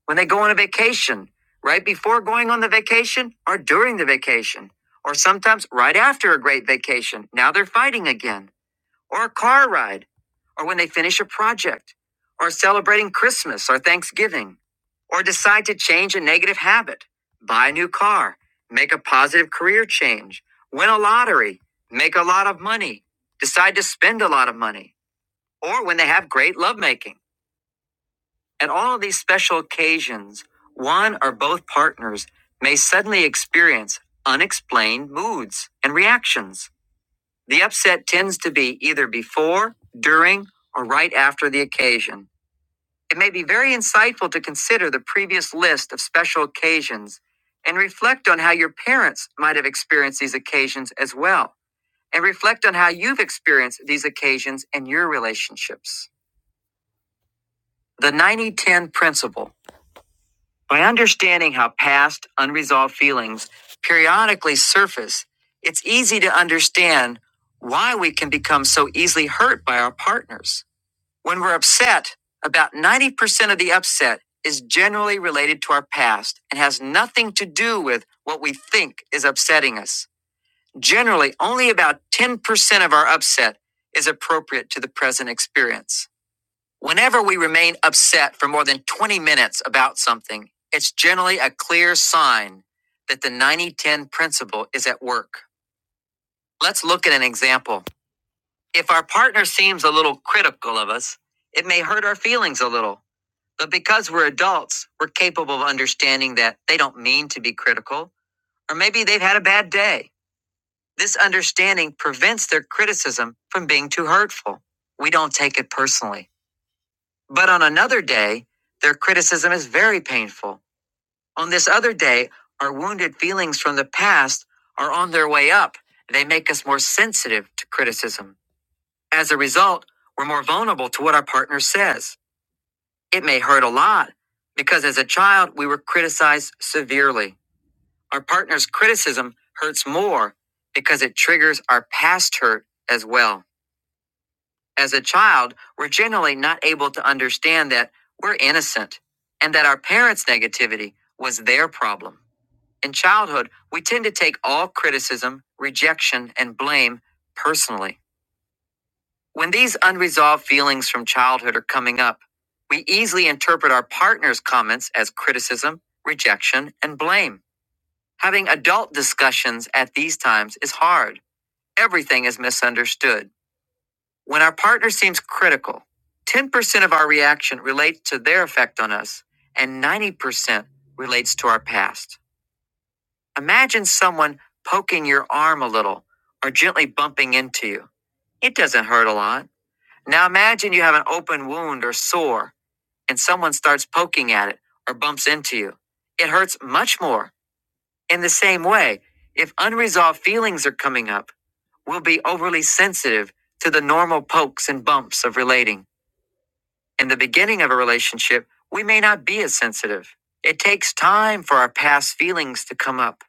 Speaker 1: when they go on a vacation, right before going on the vacation, or during the vacation, or sometimes right after a great vacation. Now they're fighting again or a car ride, or when they finish a project, or celebrating Christmas or Thanksgiving, or decide to change a negative habit, buy a new car, make a positive career change, win a lottery, make a lot of money, decide to spend a lot of money, or when they have great lovemaking. At all of these special occasions, one or both partners may suddenly experience unexplained moods and reactions. The upset tends to be either before, during, or right after the occasion. It may be very insightful to consider the previous list of special occasions and reflect on how your parents might have experienced these occasions as well, and reflect on how you've experienced these occasions in your relationships. The 90 10 principle. By understanding how past unresolved feelings periodically surface, it's easy to understand why we can become so easily hurt by our partners. When we're upset, about 90% of the upset is generally related to our past and has nothing to do with what we think is upsetting us. Generally, only about 10% of our upset is appropriate to the present experience. Whenever we remain upset for more than 20 minutes about something, it's generally a clear sign that the 90 10 principle is at work. Let's look at an example. If our partner seems a little critical of us, it may hurt our feelings a little. But because we're adults, we're capable of understanding that they don't mean to be critical, or maybe they've had a bad day. This understanding prevents their criticism from being too hurtful. We don't take it personally. But on another day, their criticism is very painful. On this other day, our wounded feelings from the past are on their way up. They make us more sensitive to criticism. As a result, we're more vulnerable to what our partner says. It may hurt a lot because as a child, we were criticized severely. Our partner's criticism hurts more because it triggers our past hurt as well. As a child, we're generally not able to understand that we're innocent and that our parents' negativity was their problem. In childhood, we tend to take all criticism, rejection, and blame personally. When these unresolved feelings from childhood are coming up, we easily interpret our partner's comments as criticism, rejection, and blame. Having adult discussions at these times is hard. Everything is misunderstood when our partner seems critical, 10% of our reaction relates to their effect on us, and 90% relates to our past. Imagine someone poking your arm a little or gently bumping into you. It doesn't hurt a lot. Now imagine you have an open wound or sore, and someone starts poking at it or bumps into you. It hurts much more. In the same way, if unresolved feelings are coming up, we'll be overly sensitive to the normal pokes and bumps of relating. In the beginning of a relationship, we may not be as sensitive. It takes time for our past feelings to come up.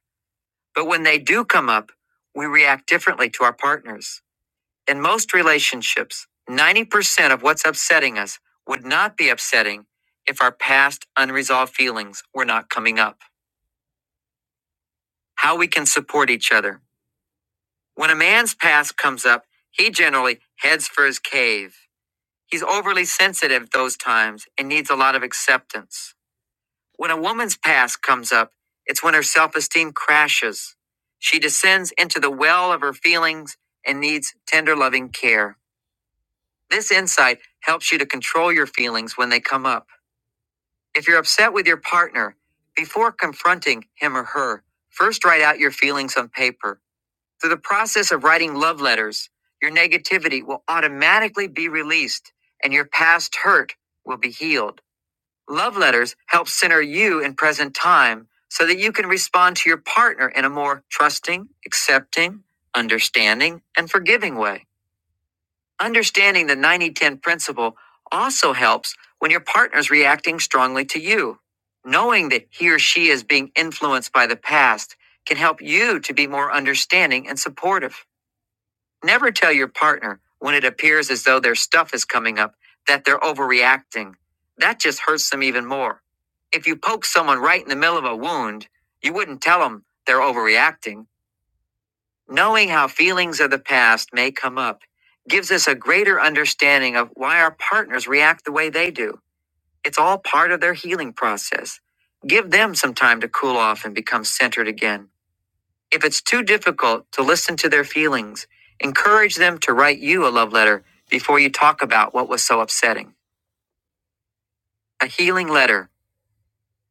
Speaker 1: But when they do come up, we react differently to our partners. In most relationships, 90% of what's upsetting us would not be upsetting if our past unresolved feelings were not coming up. How we can support each other. When a man's past comes up, he generally heads for his cave. He's overly sensitive those times and needs a lot of acceptance. When a woman's past comes up, it's when her self esteem crashes. She descends into the well of her feelings and needs tender, loving care. This insight helps you to control your feelings when they come up. If you're upset with your partner, before confronting him or her, first write out your feelings on paper. Through the process of writing love letters, your negativity will automatically be released and your past hurt will be healed. Love letters help center you in present time so that you can respond to your partner in a more trusting, accepting, understanding, and forgiving way. Understanding the 90 10 principle also helps when your partner is reacting strongly to you. Knowing that he or she is being influenced by the past can help you to be more understanding and supportive. Never tell your partner when it appears as though their stuff is coming up that they're overreacting. That just hurts them even more. If you poke someone right in the middle of a wound, you wouldn't tell them they're overreacting. Knowing how feelings of the past may come up gives us a greater understanding of why our partners react the way they do. It's all part of their healing process. Give them some time to cool off and become centered again. If it's too difficult to listen to their feelings, encourage them to write you a love letter before you talk about what was so upsetting. A healing letter,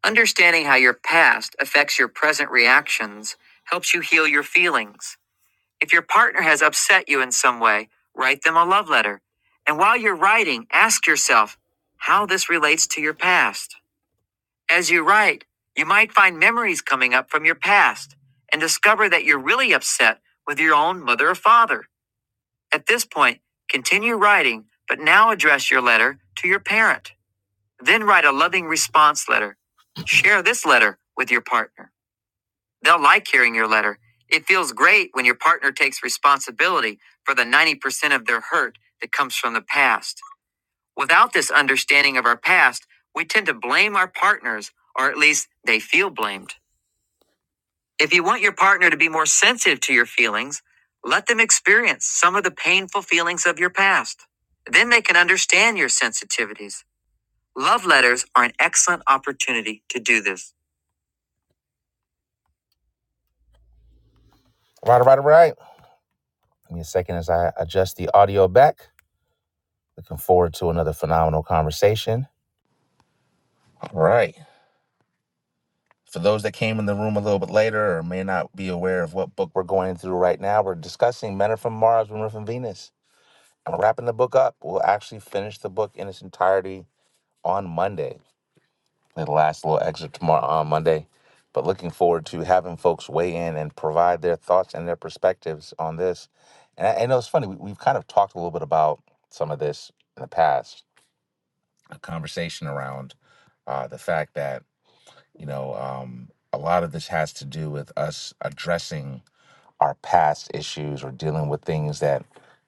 Speaker 1: understanding how your past affects your present reactions, helps you heal your feelings. If your partner has upset you in some way, write them a love letter. And while you're writing, ask yourself how this relates to your past. As you write, you might find memories coming up from your past and discover that you're really upset with your own mother or father. At this point, continue writing, but now address your letter to your parent. Then write a loving response letter. Share this letter with your partner. They'll like hearing your letter. It feels great when your partner takes responsibility for the 90% of their hurt that comes from the past. Without this understanding of our past, we tend to blame our partners, or at least they feel blamed. If you want your partner to be more sensitive to your feelings, let them experience some of the painful feelings of your past. Then they can understand your sensitivities. Love letters are an excellent opportunity to do this. All Right, all right, all right. Give me a second as I adjust the audio back. Looking forward to another phenomenal conversation. All right. For those that came in the room a little bit later or may not be aware of what book we're going through right now, we're discussing Men Are From Mars, Women Are From Venus. I'm wrapping the book up. We'll actually finish the book in its entirety on Monday, the last little extra tomorrow on Monday. But looking forward to having folks weigh in and provide their thoughts and their perspectives on this. And I, I know it's funny, we, we've kind of talked a little bit about some of this in the past, a conversation around uh, the fact that, you know, um, a lot of this has to do with us addressing our past issues or dealing with things that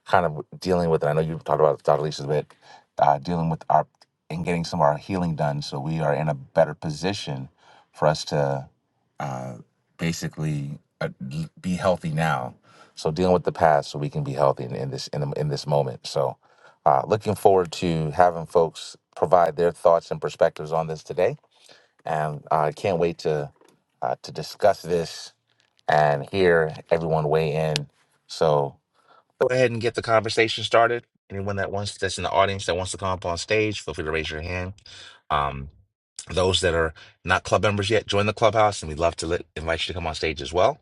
Speaker 1: kind of dealing with. And I know you've talked about Dr. Lisa's bit, uh, dealing with our and getting some of our healing done, so we are in a better position for us to uh, basically uh, be healthy now. So dealing with the past, so we can be healthy in, in this in, the- in this moment. So uh, looking forward to having folks provide their thoughts and perspectives on this today, and I can't wait to uh, to discuss this and hear everyone weigh in. So go ahead and get the conversation started. Anyone that wants that's in the audience that wants to come up on stage, feel free to raise your hand. Um, those that are not club members yet, join the clubhouse, and we'd love to let, invite you to come on stage as well.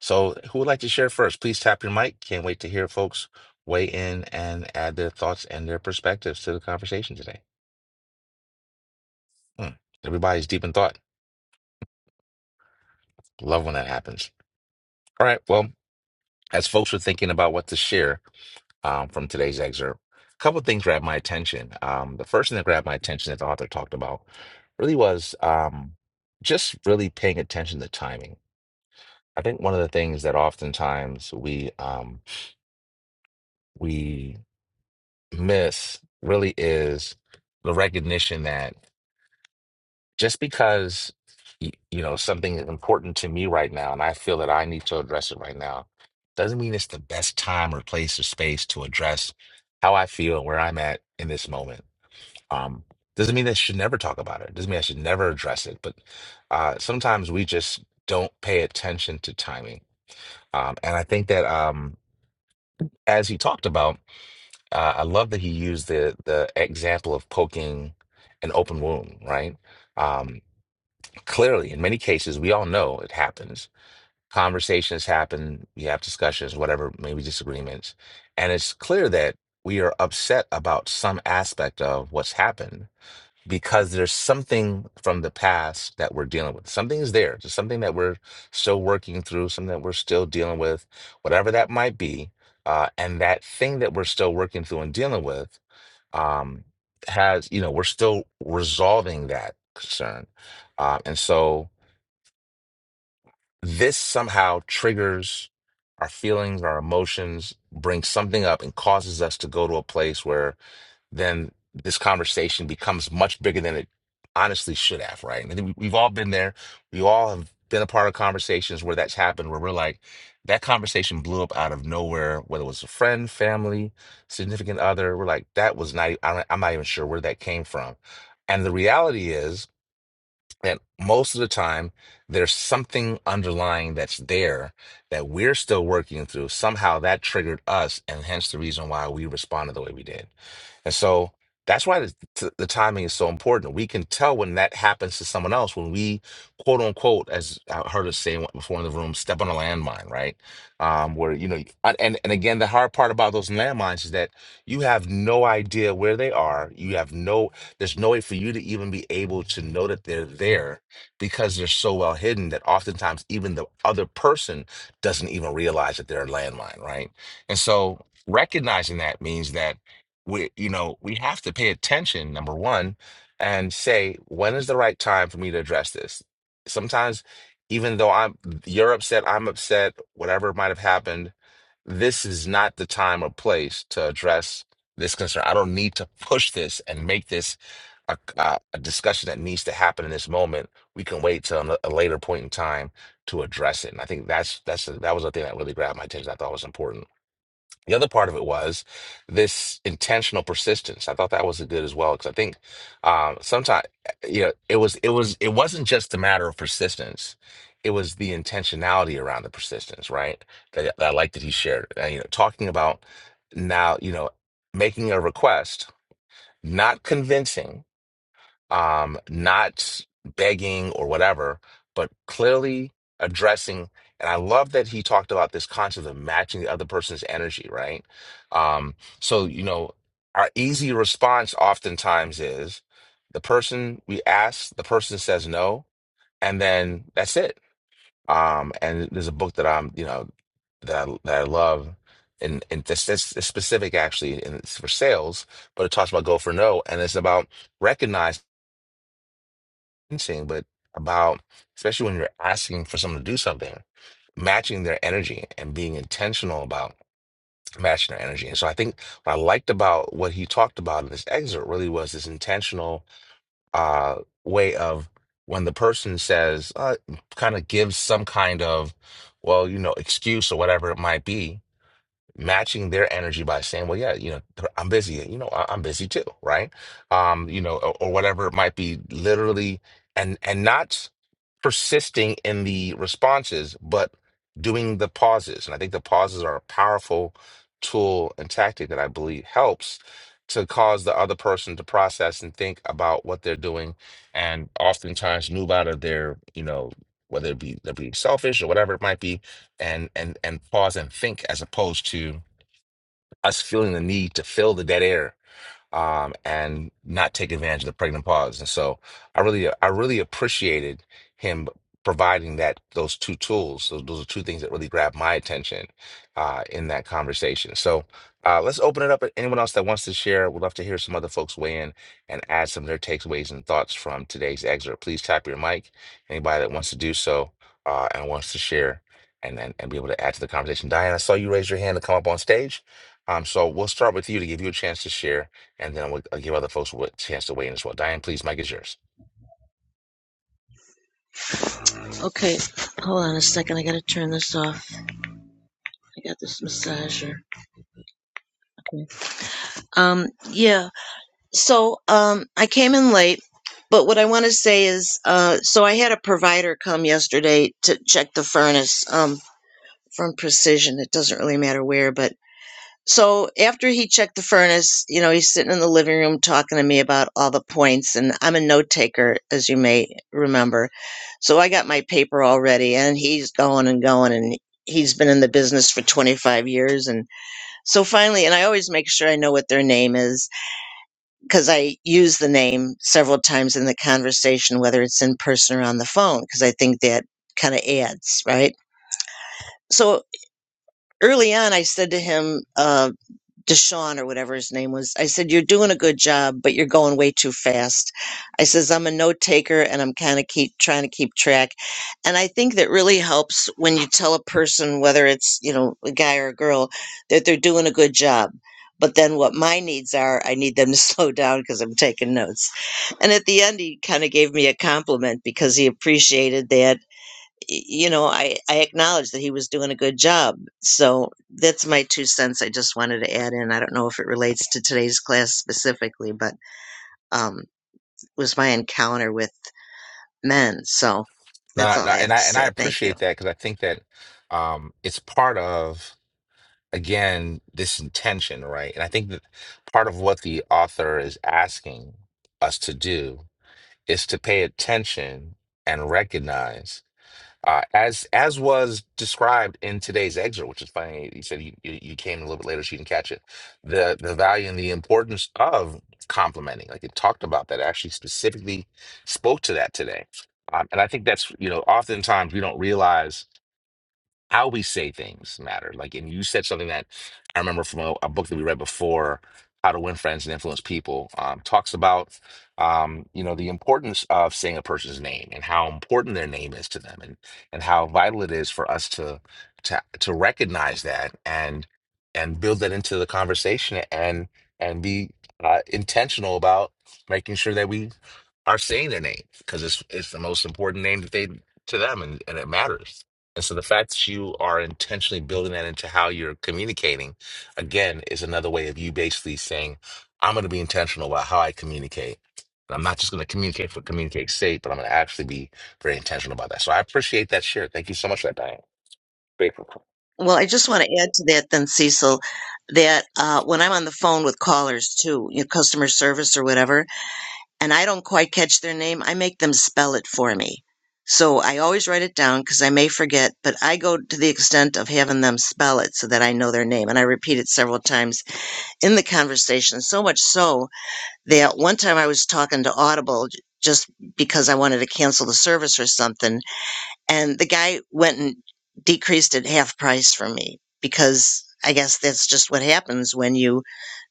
Speaker 1: So, who would like to share first? Please tap your mic. Can't wait to hear folks weigh in and add their thoughts and their perspectives to the conversation today. Hmm. Everybody's deep in thought. Love when that happens. All right. Well, as folks are thinking about what to share, um, from today's excerpt. A couple of things grabbed my attention. Um, the first thing that grabbed my attention that the author talked about really was um, just really paying attention to timing. I think one of the things that oftentimes we um, we miss really is the recognition that just because y- you know something is important to me right now, and I feel that I need to address it right now, doesn't mean it's the best time or place or space to address how I feel and where I'm at in this moment Um, doesn't mean they should never talk about it. Doesn't mean I should never address it. But uh, sometimes we just don't pay attention to timing. Um, and I think that um, as he talked about, uh, I love that he used the the example of poking an open wound. Right? Um, clearly, in many cases, we all know it happens. Conversations happen. We have discussions, whatever, maybe disagreements, and it's clear that we are upset about some aspect of what's happened because there's something from the past that we're dealing with. Something's there, just something that we're still working through, something that we're still dealing with, whatever that might be. Uh, and that thing that we're still working through and dealing with um, has, you know, we're still resolving that concern. Uh, and so this somehow triggers our feelings, our emotions, brings something up and causes us to go to a place where then this conversation becomes much bigger than it honestly should have, right? And I think we- we've all been there. We all have been a part of conversations where that's happened, where we're like, that conversation blew up out of nowhere, whether it was a friend, family, significant other. We're like, that was not, e- I don't- I'm not even sure where that came from. And the reality is, that most of the time there's something underlying that's there that we're still working through. Somehow that triggered us, and hence the reason why we responded the way we did. And so that's why the, t- the timing is so important. We can tell when that happens to someone else when we, quote unquote, as I heard us say before in the room, step on a landmine, right? Um, where you know, and and again, the hard part about those landmines is that you have no idea where they are. You have no there's no way for you to even be able to know that they're there because they're so well hidden that oftentimes even the other person doesn't even realize that they're a landmine, right? And so recognizing that means that we, you know, we have to pay attention, number one, and say, when is the right time for me to address this? Sometimes even though I'm you're upset, I'm upset, whatever might have happened, this is not the time or place to address this concern. I don't need to push this and make this a, a, a discussion that needs to happen in this moment. We can wait till a a later point in time to address it. And I think that's that's that was the thing that really grabbed my attention. I thought was important. The other part of it was this intentional persistence. I thought that was good as well because I think um, sometimes you know it was it was it wasn't just a matter of persistence. It was the intentionality around the persistence, right? That, that I like that he shared. And, you know, talking about now, you know, making a request, not convincing, um, not begging or whatever, but clearly addressing. And I love that he talked about this concept of matching the other person's energy, right? Um, so, you know, our easy response oftentimes is the person we ask, the person says no, and then that's it. Um, and there's a book that I'm, you know, that I, that I love, and and this, this is specific actually, and it's for sales, but it talks about go for no, and it's about recognize intention, but about especially when you're asking for someone to do something, matching their energy and being intentional about matching their energy. And so I think what I liked about what he talked about in this excerpt really was this intentional uh, way of when the person says, uh, kind of gives some kind of, well, you know, excuse or whatever it might be matching their energy by saying, well, yeah, you know, I'm busy. You know, I- I'm busy too, right? Um, you know, or, or whatever it might be, literally, and and not persisting in the responses, but doing the pauses. And I think the pauses are a powerful tool and tactic that I believe helps to cause the other person to process and think about what they're doing and oftentimes move out of their, you know, whether it be they're being selfish or whatever it might be, and and and pause and think as opposed to us feeling the need to fill the dead air um, and not take advantage of the pregnant pause. And so I really, I really appreciated him providing that those two tools. Those, those are two things that really grabbed my attention uh, in that conversation. So uh, let's open it up. Anyone else that wants to share, we would love to hear some other folks weigh in and add some of their takeaways and thoughts from today's excerpt. Please tap your mic. Anybody that wants to do so uh, and wants to share. And, and, and be able to add to the conversation. Diane, I saw you raise your hand to come up on stage. Um, so we'll start with you to give you a chance to share and then we'll, I'll give other folks a chance to weigh in as well. Diane, please, Mike is yours.
Speaker 11: Okay, hold on a second. I gotta turn this off. I got this massager. Okay. Um, yeah. So, um, I came in late, but what I want to say is, uh, so I had a provider come yesterday to check the furnace. Um, from Precision. It doesn't really matter where, but So after he checked the furnace, you know, he's sitting in the living room talking to me about all the points. And I'm a note taker, as you may remember. So I got my paper already, and he's going and going. And he's been in the business for 25 years. And so finally, and I always make sure I know what their name is because I use the name several times in the conversation, whether it's in person or on the phone, because I think that kind of adds, right? So early on, I said to him, uh, Deshaun or whatever his name was. I said, You're doing a good job, but you're going way too fast. I says, I'm a note taker and I'm kind of keep trying to keep track. And I think that really helps when you tell a person, whether it's, you know, a guy or a girl, that they're doing a good job. But then what my needs are, I need them to slow down because I'm taking notes. And at the end, he kind of gave me a compliment because he appreciated that you know, I, I acknowledge that he was doing a good job. So that's my two cents. I just wanted to add in. I don't know if it relates to today's class specifically, but um, it was my encounter with men. So that's
Speaker 1: No,
Speaker 11: all
Speaker 1: no,
Speaker 11: I
Speaker 1: and
Speaker 11: have
Speaker 1: I
Speaker 11: to
Speaker 1: and I
Speaker 11: say. Thank you.
Speaker 1: appreciate that because I think that um, it's part of again this intention, right? And I think that part of what the author is asking us to do is to pay attention and recognize uh, as as was described in today's excerpt, which is funny. He said you, you you came a little bit later, she didn't catch it. The the value and the importance of complimenting, like it talked about that, actually specifically spoke to that today. Um, and I think that's you know, oftentimes we don't realize how we say things matter. Like, and you said something that I remember from a, a book that we read before, How to Win Friends and Influence People, um, talks about, um, you know, the importance of saying a person's name and how important their name is to them, and and how vital it is for us to to to recognize that and and build that into the conversation and and be uh, intentional about making sure that we are saying their name because it's it's the most important name that they to them and, and it matters. And so the fact that you are intentionally building that into how you're communicating, again, is another way of you basically saying, I'm going to be intentional about how I communicate. And I'm not just going to communicate for communicate's sake, but I'm going to actually be very intentional about that. So I appreciate that share. Thank you so much for that, Diane. Grateful.
Speaker 11: Well, I just want to add to that, then, Cecil, that uh, when I'm on the phone with callers too, you know, customer service or whatever, and I don't quite catch their name, I make them spell it for me. So I always write it down because I may forget, but I go to the extent of having them spell it so that I know their name. And I repeat it several times in the conversation, so much so that one time I was talking to Audible just because I wanted to cancel the service or something. And the guy went and decreased it half price for me because I guess that's just what happens when you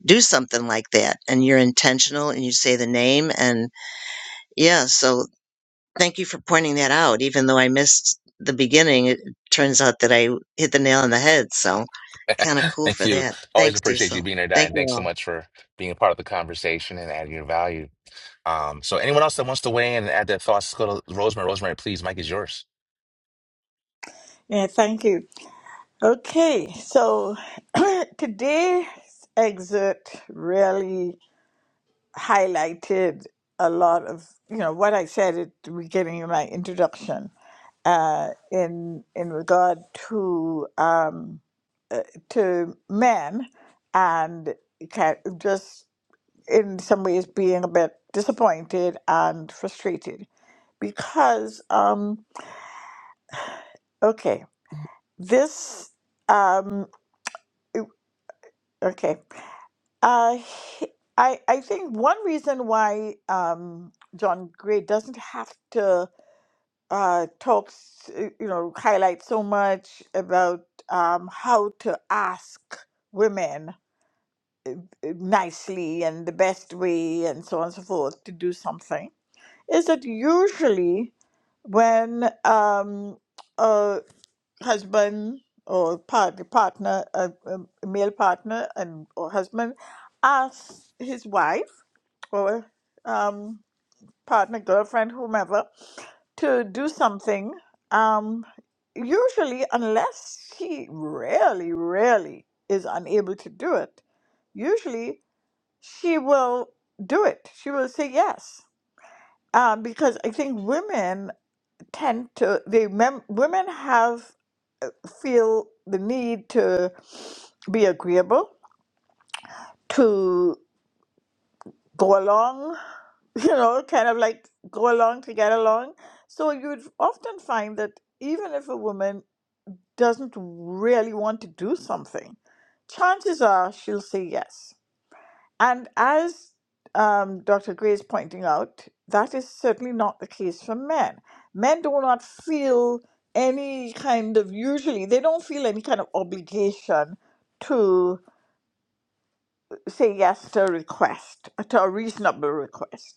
Speaker 11: do something like that and you're intentional and you say the name and yeah, so Thank you for pointing that out. Even though I missed the beginning, it turns out that I hit the nail on the head. So kind of cool
Speaker 1: Thank
Speaker 11: for
Speaker 1: you.
Speaker 11: that.
Speaker 1: Always
Speaker 11: Thanks,
Speaker 1: appreciate you
Speaker 11: Cecil.
Speaker 1: being here,
Speaker 11: Thank
Speaker 1: Diane.
Speaker 11: you
Speaker 1: Thanks so
Speaker 11: all.
Speaker 1: much for being a part of the conversation and adding your value. Um, so anyone else that wants to weigh in and add their thoughts, go to Rosemary. Rosemary, please, Mike is yours.
Speaker 7: Yeah, thank you. Okay, so today's excerpt really highlighted a lot of you know what I said at the beginning of my introduction uh, in in regard to um, to men, and ca- just in some ways being a bit disappointed and frustrated because um, okay, this um, o- okay, uh, he- I I think one reason why um, John Gray doesn't have to uh, talks, uh, you know, highlights so much about um, how to ask women uh, nicely and the best way and so on and so forth to do something is that usually when um, a husband or part, partner, a, a male partner and or husband asks his wife or um, partner, girlfriend, whomever, to do something, um, usually, unless she really, really is unable to do it, usually she will do it. She will say yes. Um, because I think women tend to, they mem- women have, feel the need to be agreeable, go along, you know, kind of like go along to get along. So you'd often find that even if a woman doesn't really want to do something, chances are she'll say yes. And as um, Dr. Gray is pointing out, that is certainly not the case for men. Men do not feel any kind of, usually, they don't feel any kind of obligation to say yes to a request, to a reasonable request.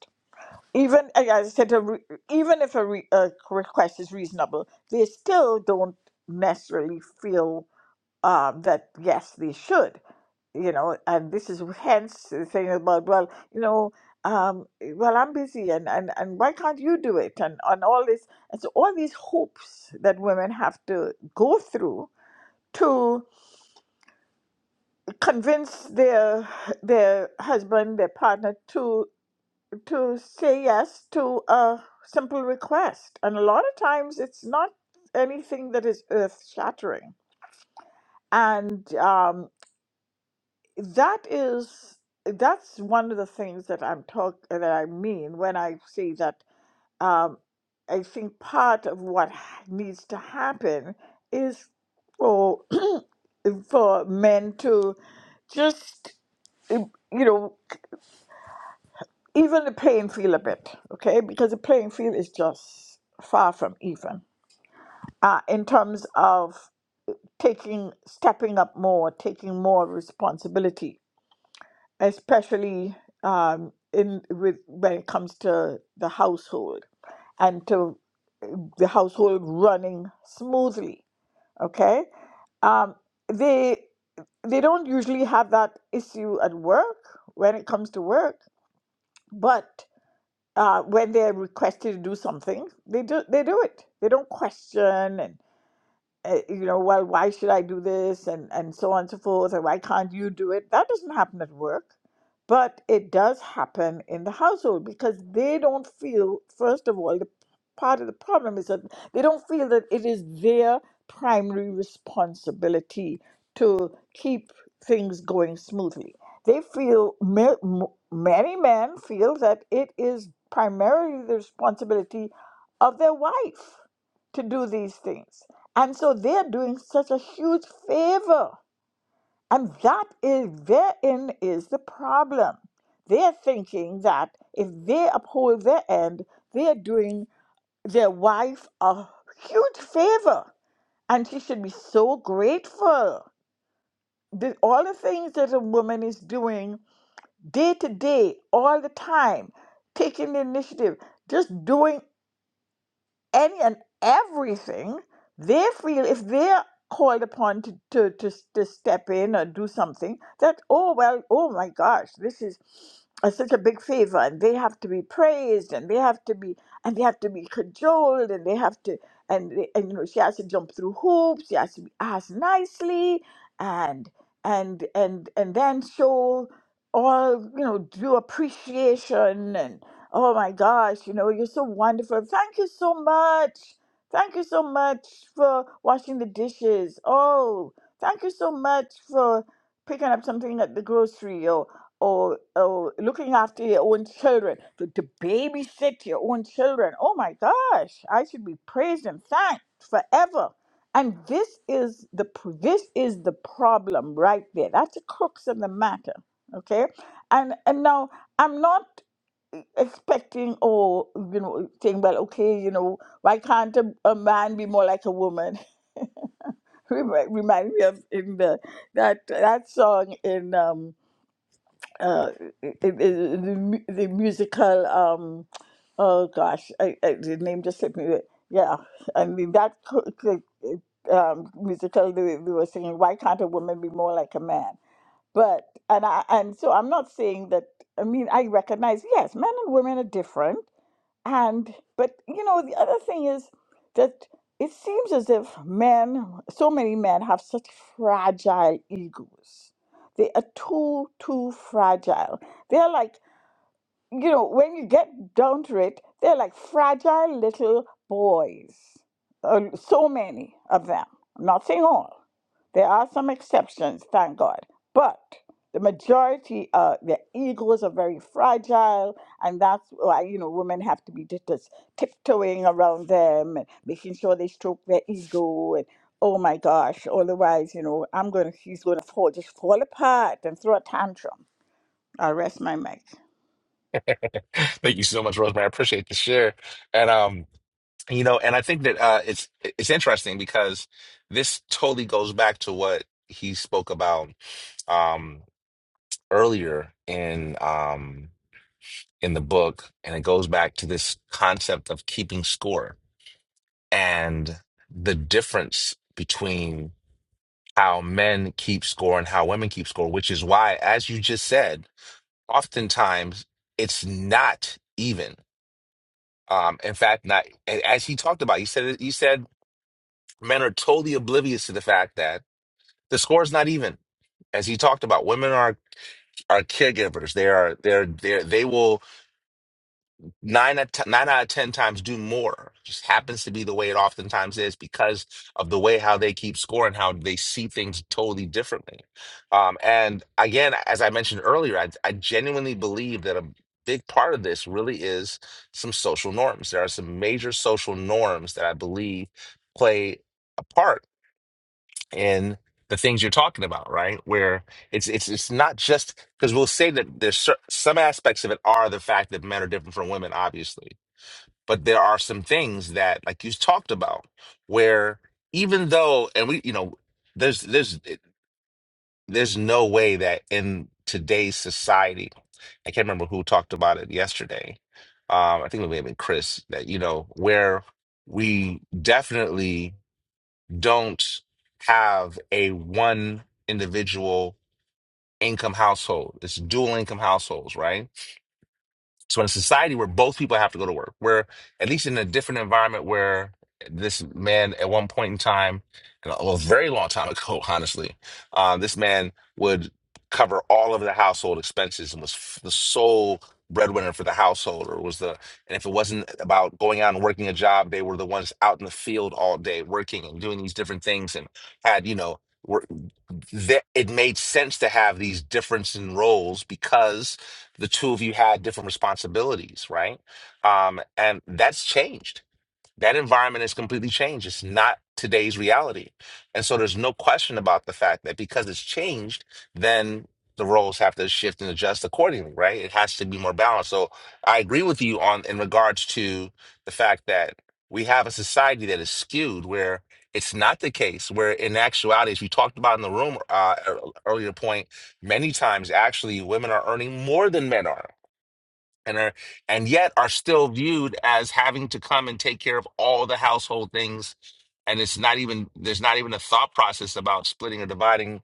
Speaker 7: even as I said, a re, even if a, re, a request is reasonable, they still don't necessarily feel um, that yes, they should, you know. And this is hence the thing about well, you know, um, well, I'm busy, and, and and why can't you do it, and and all this, and so all these hoops that women have to go through to convince their their husband, their partner to to say yes to a simple request. And a lot of times it's not anything that is earth shattering. And um, that is that's one of the things that I'm talk that I mean when I say that um, I think part of what ha- needs to happen is for for men to just uh, you know even the playing field a bit, okay? Because the playing field is just far from even uh, in terms of taking, stepping up more, taking more responsibility, especially um, in with when it comes to the household and to the household running smoothly, okay? Um, they they don't usually have that issue at work when it comes to work, but uh, when they're requested to do something, they do they do it. They don't question and eh, you know, well, why should I do this? And, and so on and so forth, And why can't you do it? That doesn't happen at work, but it does happen in the household because they don't feel, first of all, the part of the problem is that they don't feel that it is their primary responsibility to keep things going smoothly. They feel, ma- m- many men feel that it is primarily the responsibility of their wife to do these things. And so they're doing such a huge favor. And that is therein is the problem. They're thinking that if they uphold their end, they're doing their wife a huge favor. And she should be so grateful. The- all the things that a woman is doing day to day, all the time, taking the initiative, just doing any and everything they feel if they're called upon to, to, to, to step in or do something that oh well oh my gosh this is a, such a big favor and they have to be praised and they have to be and they have to be cajoled and they have to and, they, and you know she has to jump through hoops she has to be asked nicely and and and and then show all you know due appreciation and. Oh my gosh, you know, you're so wonderful. Thank you so much. Thank you so much for washing the dishes. Oh, thank you so much for picking up something at the grocery or or, or looking after your own children, to, to babysit your own children. Oh my gosh, I should be praised and thanked forever. And this is the pr- this is the problem right there. That's the crux of the matter. Okay, and and now I'm not expecting or you know saying well okay you know why can't a, a man be more like a woman remind, remind me of in the that that song in um uh in, in the, mu- the musical um oh gosh I, I, the name just slipped me yeah I mean that co- co- um musical they, they were singing why can't a woman be more like a man but and I and so I'm not saying that I mean I recognize yes men and women are different and but you know, the other thing is that it seems as if men, so many men, have such fragile egos. They are too, too fragile. They're like you know, when you get down to it, they're like fragile little boys. Uh, so many of them. I'm not saying all. There are some exceptions, thank God. But the majority, uh, their egos are very fragile, and that's why you know women have to be just just tiptoeing around them and making sure they stroke their ego and oh my gosh, otherwise you know I'm gonna he's gonna fall just fall apart and throw a tantrum. I'll rest my mic.
Speaker 1: Thank you so much, Rosemary. I appreciate the share. And um, You know, and I think that uh, it's it's interesting because this totally goes back to what he spoke about um, earlier in um, in the book, and it goes back to this concept of keeping score and the difference between how men keep score and how women keep score, which is why, as you just said, oftentimes it's not even. Um, in fact, not a- as he talked about, he said he said men are totally oblivious to the fact that The score's not even. As he talked about, women are are caregivers. They are they're they they will nine out of nine out of ten times do more. Just happens to be the way it oftentimes is because of the way how they keep score and how they see things totally differently. Um, and again, as I mentioned earlier, I, I genuinely believe that a big part of this really is some social norms. There are some major social norms that I believe play apart in the things you're talking about, right? Where it's it's it's not just because we'll say that there's cer- some aspects of it are the fact that men are different from women, obviously, but there are some things that, like you talked about, where even though, and we, you know, there's there's there's no way that in today's society, I can't remember who talked about it yesterday. Um, I think it may have been Chris that you know where we definitely don't have a one individual income household. It's dual income households, right? So in a society where both people have to go to work, where at least in a different environment where this man at one point in time, and a well, a very long time ago, honestly, uh, this man would cover all of the household expenses and was f- the sole breadwinner for the household or was the and if it wasn't about going out and working a job they were the ones out in the field all day working and doing these different things and had you know were that it made sense to have these difference in roles because the two of you had different responsibilities, right? Um, and that's changed. That environment has completely changed. It's not today's reality. And so there's no question about the fact that because it's changed, then the roles have to shift and adjust accordingly, right? It has to be more balanced. So I agree with you on in regards to the fact that we have a society that is skewed where it's not the case, where in actuality, as we talked about in the room uh, ear- earlier point, many times actually women are earning more than men are and are and yet are still viewed as having to come and take care of all the household things and it's not even there's not even a thought process about splitting or dividing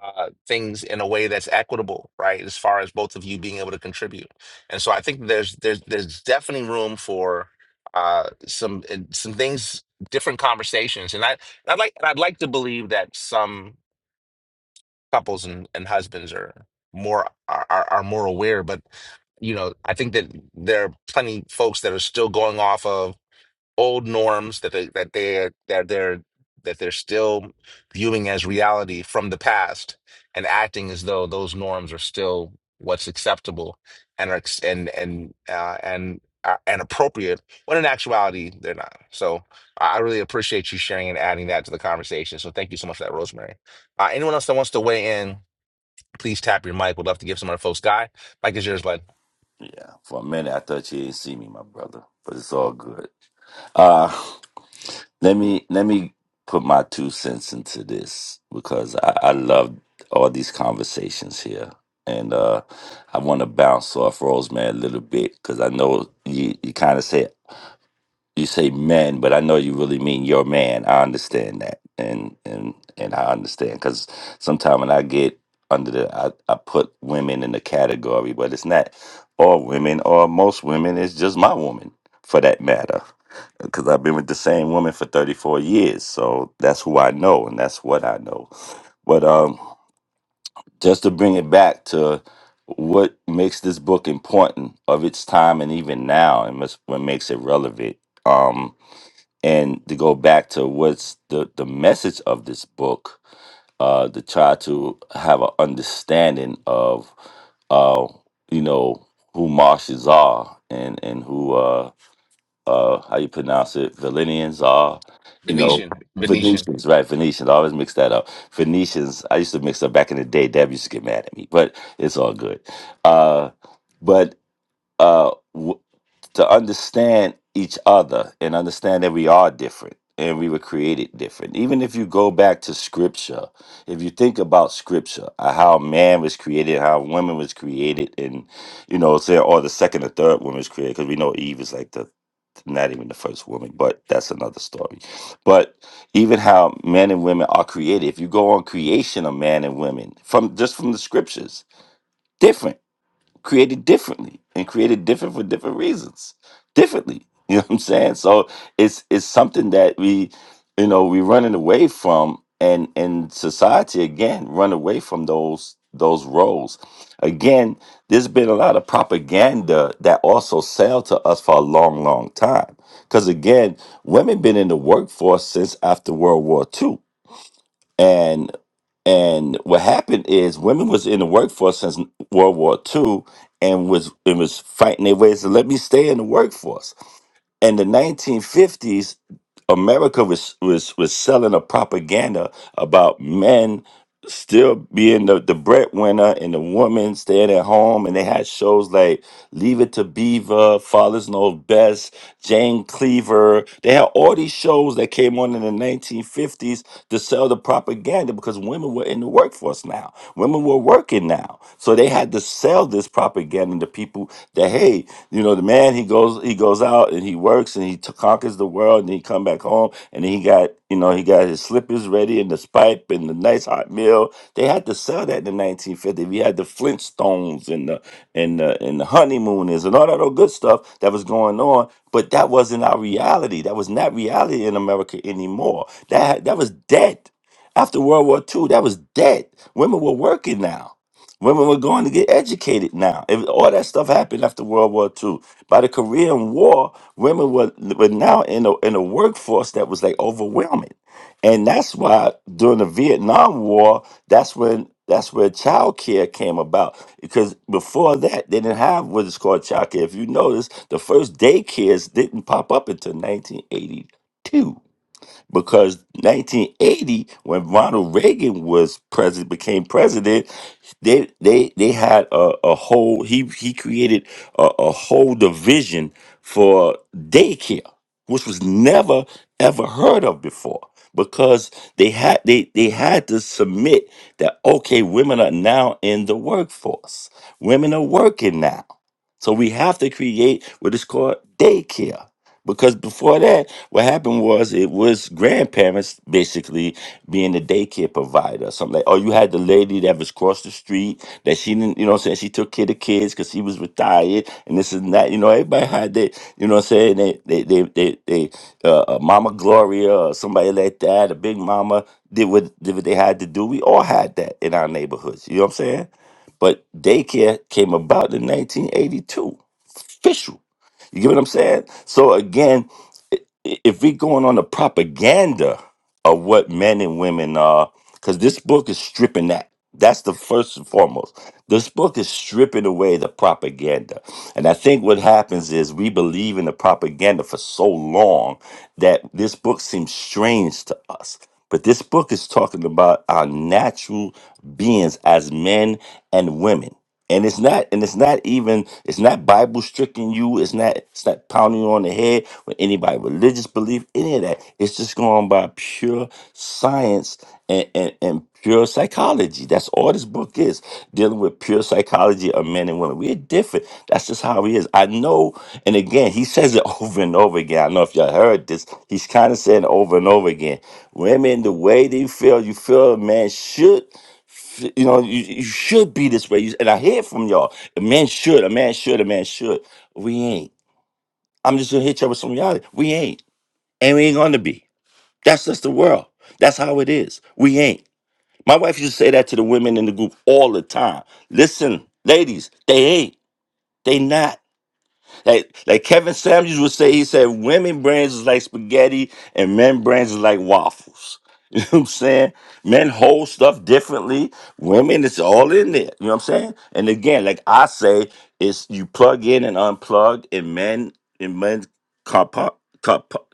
Speaker 1: uh, things in a way that's equitable right as far as both of you being able to contribute and so i think there's there's there's definitely room for uh some some things different conversations and i i'd like i'd like to believe that some couples and, and husbands are more are, are are more aware but you know i think that there are plenty folks that are still going off of old norms that they that they that they're that they're still viewing as reality from the past and acting as though those norms are still what's acceptable and are ex- and and uh, and uh, and appropriate when in actuality they're not. So I I really appreciate you sharing and adding that to the conversation. So thank you so much for that, Rosemary. Uh, anyone else that wants to weigh in, please tap your mic. We'd love to give some of our folks. Guy, mic is yours, bud.
Speaker 6: Yeah, for a minute I thought you didn't see me, my brother, but it's all good. Uh let me let me put my two cents into this because I, I love all these conversations here, and uh I want to bounce off Rosemary a little bit because I know you you kind of say you say men, but I know you really mean your man. I understand that, and and and I understand because sometimes when I get under the, I, I put women in the category, but it's not all women or most women. It's just my woman, for that matter, because I've been with the same woman for thirty four years, so that's who I know and that's what I know. But um, just to bring it back to what makes this book important of its time and even now, and what's- what makes it relevant. Um, and to go back to what's the the message of this book uh to try to have an understanding of uh you know who marshes are and and who uh uh how you pronounce it Valenians are you know
Speaker 1: Venetian, Venetian.
Speaker 6: Venetians right Venetians I always mix that up Venetians I used to mix up back in the day Deb used to get mad at me but it's all good uh but uh to understand each other and understand that we are different and we were created different. Even if you go back to scripture, if you think about scripture, uh, how man was created, how woman was created, and you know, say, or the second or third woman was created, because we know Eve is like the not even the first woman, but that's another story. But even how men and women are created, if you go on creation of man and women from just from the scriptures, different created differently and created different for different reasons differently you know what i'm saying so it's it's something that we you know we're running away from and and society again run away from those those roles again there's been a lot of propaganda that also sell to us for a long long time because again women been in the workforce since after world war Two and and what happened is women was in the workforce since World War Two, and was and was fighting their ways to let me stay in the workforce. In the 1950s, America was was was selling a propaganda about men still being the, the breadwinner and the woman staying at home and they had shows like Leave It to Beaver, Fathers Know Best, Jane Cleaver. They had all these shows that came on in the 1950s to sell the propaganda because women were in the workforce now. Women were working now. So they had to sell this propaganda to people that hey, you know, the man he goes he goes out and he works and he t- conquers the world and he come back home and then he got you know he got his slippers ready and his pipe and the nice hot meal. They had to sell that in the 1950s. We had the Flintstones and the and the and the honeymooners and all that old good stuff that was going on. But that wasn't our reality. That was not reality in America anymore. That that was dead after World War II. That was dead. Women were working now Women were going to get educated now. If all that stuff happened after World War II, by the Korean War, women were, were now in a in a workforce that was like overwhelming, and that's why during the Vietnam War, that's when that's where child care came about. Because before that, they didn't have what is called child care. If you notice, the first daycares didn't pop up until 1982 because 1980 when Ronald Reagan was president became president they they they had a, a whole he he created a, a whole division for daycare which was never ever heard of before because they had they they had to submit that okay women are now in the workforce women are working now so we have to create what is called daycare because before that what happened was it was grandparents basically being the daycare provider. Something like, oh, you had the lady that was across the street that she didn't, you know what I'm saying? She took care of kids because she was retired and this and that. You know, everybody had that, you know what I'm saying? They, they, they, they, they uh, uh, Mama Gloria or somebody like that, a big mama did what, did what they had to do. We all had that in our neighborhoods. You know what I'm saying? But daycare came about in 1982, official. You get what I'm saying? So again, if we're going on the propaganda of what men and women are, because this book is stripping that. That's the first and foremost. This book is stripping away the propaganda. And I think what happens is we believe in the propaganda for so long that this book seems strange to us. But this book is talking about our natural beings as men and women and it's not and it's not even it's not bible stricken you it's not it's not pounding you on the head with anybody religious belief any of that it's just going by pure science and, and and pure psychology that's all this book is dealing with pure psychology of men and women we're different that's just how he is i know and again he says it over and over again i don't know if y'all heard this he's kind of saying it over and over again women the way they feel you feel a man should you know, you, you should be this way. You- And I hear from y'all. A man should, a man should, a man should. We ain't. I'm just gonna hit y'all with some reality. We ain't. And we ain't gonna be. That's just the world. That's how it is. We ain't. My wife used to say that to the women in the group all the time. Listen, ladies, they ain't. They not. Like, like Kevin Samuels would say, he said, women brains is like spaghetti and men brains is like waffles. You know what I'm saying? Men hold stuff differently. Women, it's all in there. You know what I'm saying? And again, like I say, it's you plug in and unplug, and men and men compa- compa-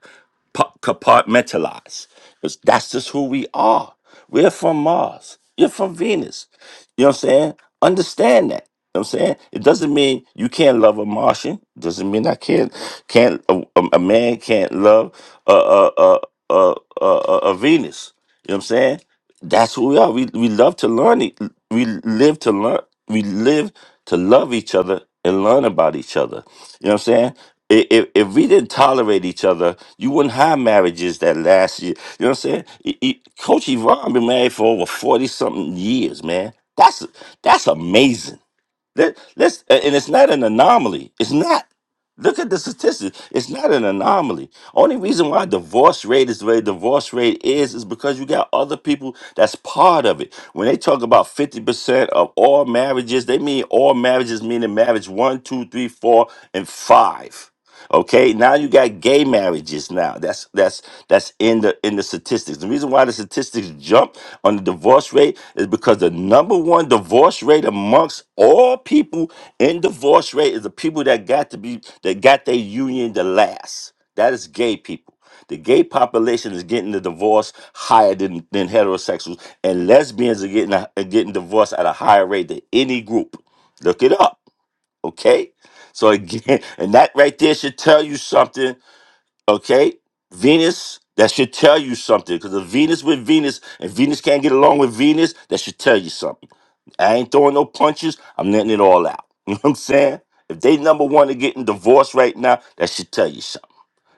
Speaker 6: compartmentalize. 'Cause that's just who we are. We're from Mars. You're from Venus. You know what I'm saying? Understand that know what I'm saying it doesn't mean you can't love a Martian. Doesn't mean I can't can't a, a a man can't love a a a a, a, a a Venus. You know what I'm saying? That's who we are. We we love to learn. e- We live to learn. We live to love each other and learn about each other. You know what I'm saying? I- If, if we didn't tolerate each other, you wouldn't have marriages that last year. You know what I'm saying? E- e- Coach Yvonne been married for over forty something years, man. That's that's amazing. Let, let's, and it's not an anomaly. It's not. Look at the statistics. It's not an anomaly. Only reason why divorce rate is the way divorce rate is is because you got other people that's part of it. When they talk about 50% of all marriages, they mean all marriages meaning marriage one, two, three, four, and five. Okay, now you got gay marriages. Now that's that's that's in the in the statistics. The reason why the statistics jump on the divorce rate is because the number one divorce rate amongst all people in divorce rate is the people that got to be that got their union the last. That is gay people. The gay population is getting the divorce higher than, than heterosexuals, and lesbians are getting a, are getting divorced at a higher rate than any group. Look it up. Okay. So again, and that right there should tell you something. Okay. Venus, that should tell you something. Because if Venus with Venus and Venus can't get along with Venus, that should tell you something. I ain't throwing no punches. I'm letting it all out. You know what I'm saying? If they number one are getting divorced right now, that should tell you something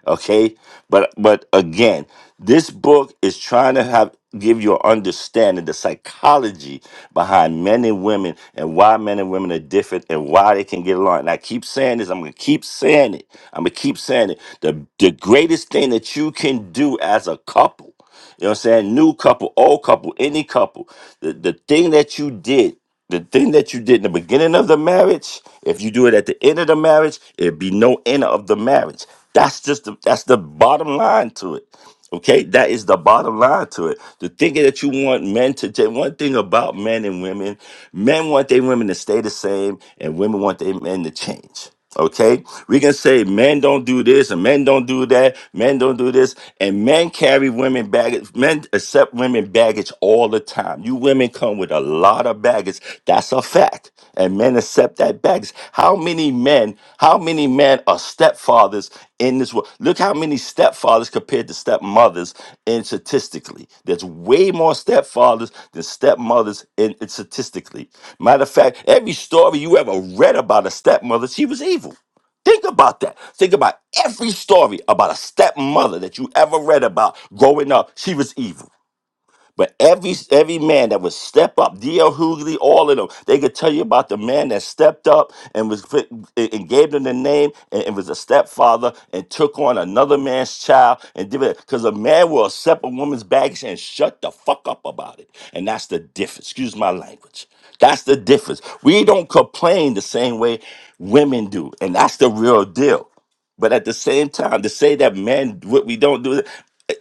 Speaker 6: okay but but again this book is trying to have give you an understanding the psychology behind men and women and why men and women are different and why they can get along and i keep saying this i'm gonna keep saying it i'm gonna keep saying it the, the greatest thing that you can do as a couple you know what I'm saying? New couple, old couple, any couple. The the thing that you did, the thing that you did in the beginning of the marriage, if you do it at the end of the marriage, it'd be no end of the marriage. That's just the, that's the bottom line to it. Okay, that is the bottom line to it. The thing that you want men to take, one thing about men and women, men want their women to stay the same, and women want their men to change. Okay, we can say men don't do this and men don't do that, men don't do this, and men carry women baggage, men accept women baggage all the time. You women come with a lot of baggage, that's a fact, and men accept that baggage. How many men? How many men are stepfathers in this world? Look how many stepfathers compared to stepmothers in statistically. There's way more stepfathers than stepmothers in, in statistically. Matter of fact, every story you ever read about a stepmother, she was evil. Think about that. Think about every story about a stepmother that you ever read about growing up. She was evil. But every every man that would step up, D.L. Hughley, all of them, they could tell you about the man that stepped up and was fit- and and gave them the name and, and was a stepfather and took on another man's child and did it because a man will accept a woman's baggage and shut the fuck up about it. And that's the difference. Excuse my language. That's the difference. We don't complain the same way women do, and that's the real deal. But at the same time, to say that man, what we don't do,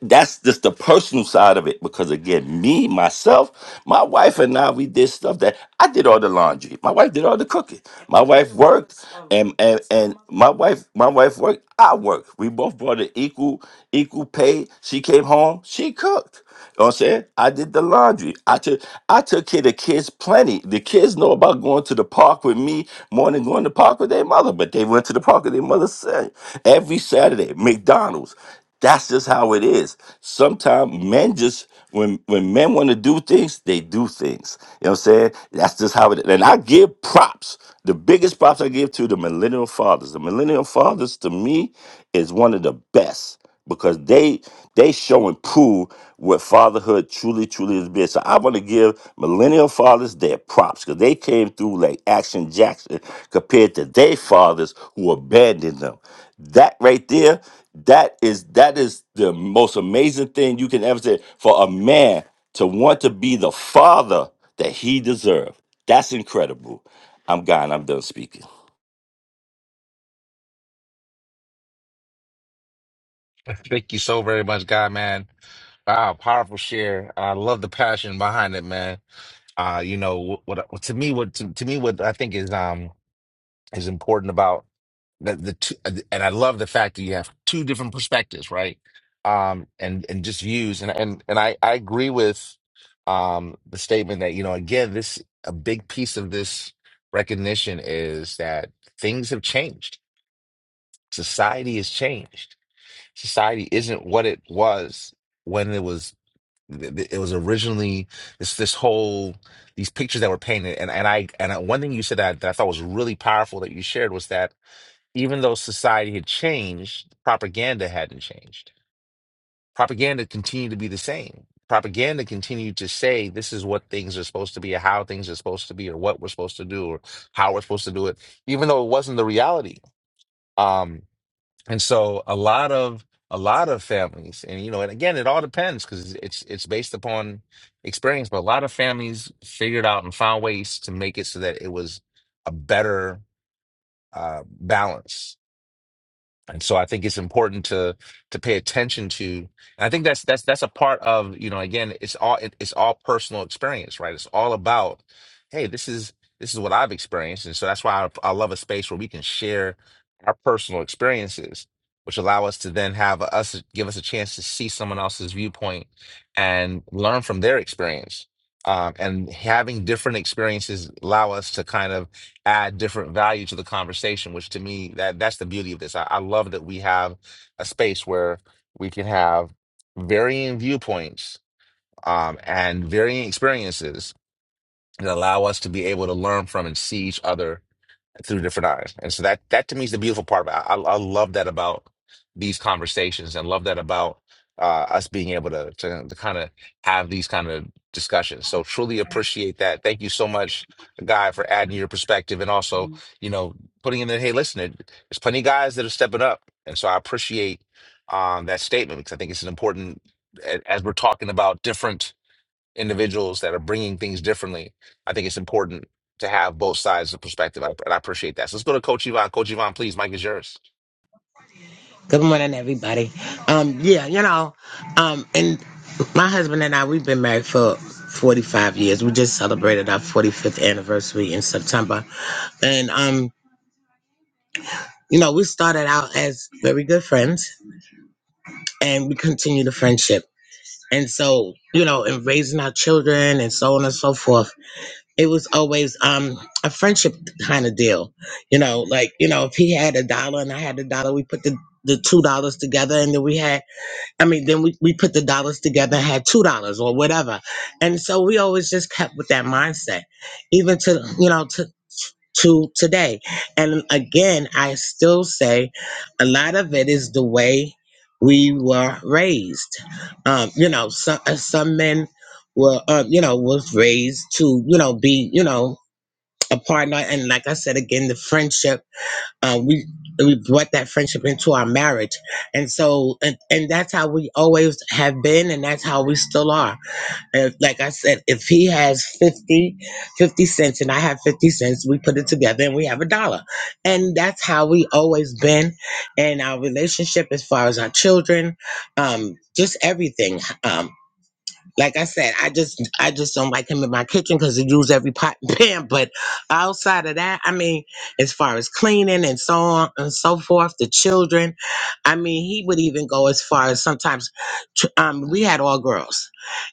Speaker 6: that's just the personal side of it. Because again, me, myself, my wife and I, we did stuff that I did all the laundry. My wife did all the cooking. My wife worked, and and and my wife, my wife worked. I worked. We both brought an equal equal pay. She came home. She cooked. You know what I'm saying? I did the laundry. I took I took care of the kids plenty. The kids know about going to the park with me more than going to the park with their mother, but they went to the park with their mother Sa- every Saturday. McDonald's. That's just how it is. Sometimes men just when when men want to do things, they do things. You know what I'm saying? That's just how it is. And I give props. The biggest props I give to the millennial fathers. The millennial fathers to me is one of the best because they they show and prove what fatherhood truly truly has been. So I want to give millennial fathers their props because they came through like Action Jackson compared to their fathers who abandoned them. That right there, that is that is the most amazing thing you can ever say for a man to want to be the father that he deserved. That's incredible. I'm gone. I'm done speaking.
Speaker 1: Thank you so very much, God, man. Wow, powerful share. I love the passion behind it, man. Uh, you know what, what uh, to me what to, to me what I think is um is important about the, the two and I love the fact that you have two different perspectives, right? Um and and just views and and and I I agree with um the statement that you know again this a big piece of this recognition is that things have changed. Society has changed Society isn't what it was when it was it was originally this this whole these pictures that were painted and and I and I, one thing you said that, that I thought was really powerful that you shared was that even though society had changed, propaganda hadn't changed. Propaganda continued to be the same. Propaganda continued to say this is what things are supposed to be, or how things are supposed to be, or what we're supposed to do, or how we're supposed to do it, even though it wasn't the reality. Um, and so a lot of a lot of families, and you know, and again, it all depends because it's it's based upon experience. But a lot of families figured out and found ways to make it so that it was a better uh, balance and so I think it's important to to pay attention to. And I think that's that's that's a part of you know again it's all it, it's all personal experience, right? It's all about hey, this is this is what I've experienced, and so that's why I, I love a space where we can share our personal experiences, which allow us to then have us give us a chance to see someone else's viewpoint and learn from their experience. Um, and having different experiences allow us to kind of add different value to the conversation, which to me that that's the beauty of this. I, I love that we have a space where we can have varying viewpoints um, and varying experiences that allow us to be able to learn from and see each other through different eyes. And so that that to me is the beautiful part about I, I love that about these conversations and love that about uh, us being able to to, to kind of have these kind of discussions. So truly appreciate that. Thank you so much, Guy, for adding your perspective and also, you know, putting in that, hey, listen, there- there's plenty of guys that are stepping up. And so I appreciate um, that statement because I think it's an important a- as we're talking about different individuals that are bringing things differently, I think it's important to have both sides of the perspective. I, and I appreciate that. So let's go to Coach Yvonne. Coach Yvonne, please, Mike is yours.
Speaker 12: Good morning, everybody. Um, yeah, you know, um, and my husband and I, we've been married for 45 years. We just celebrated our 45th anniversary in September. And, um, you know, we started out as very good friends and we continue the friendship. And so, you know, in raising our children and so on and so forth, it was always um, a friendship kind of deal. You know, like, you know, if he had a dollar and I had a dollar, we put the, the $2 together and then we had I mean, then we, we put the dollars together, had two dollars or whatever. And so we always just kept with that mindset, even to you know, to to today. And again, I still say a lot of it is the way we were raised. Um, you know, some uh, some men were uh, you know, was raised to, you know, be, you know, a partner and like I said again, the friendship um, we we brought that friendship into our marriage and so and, and that's how we always have been and that's how we still are and like i said if he has 50 50 cents and i have 50 cents we put it together and we have a dollar and that's how we always been in our relationship as far as our children um just everything um. Like I said, I just I just don't like him in my kitchen because he uses every pot and pan. But outside of that, I mean, as far as cleaning and so on and so forth, the children, I mean, he would even go as far as sometimes. tr- Um, we had all girls,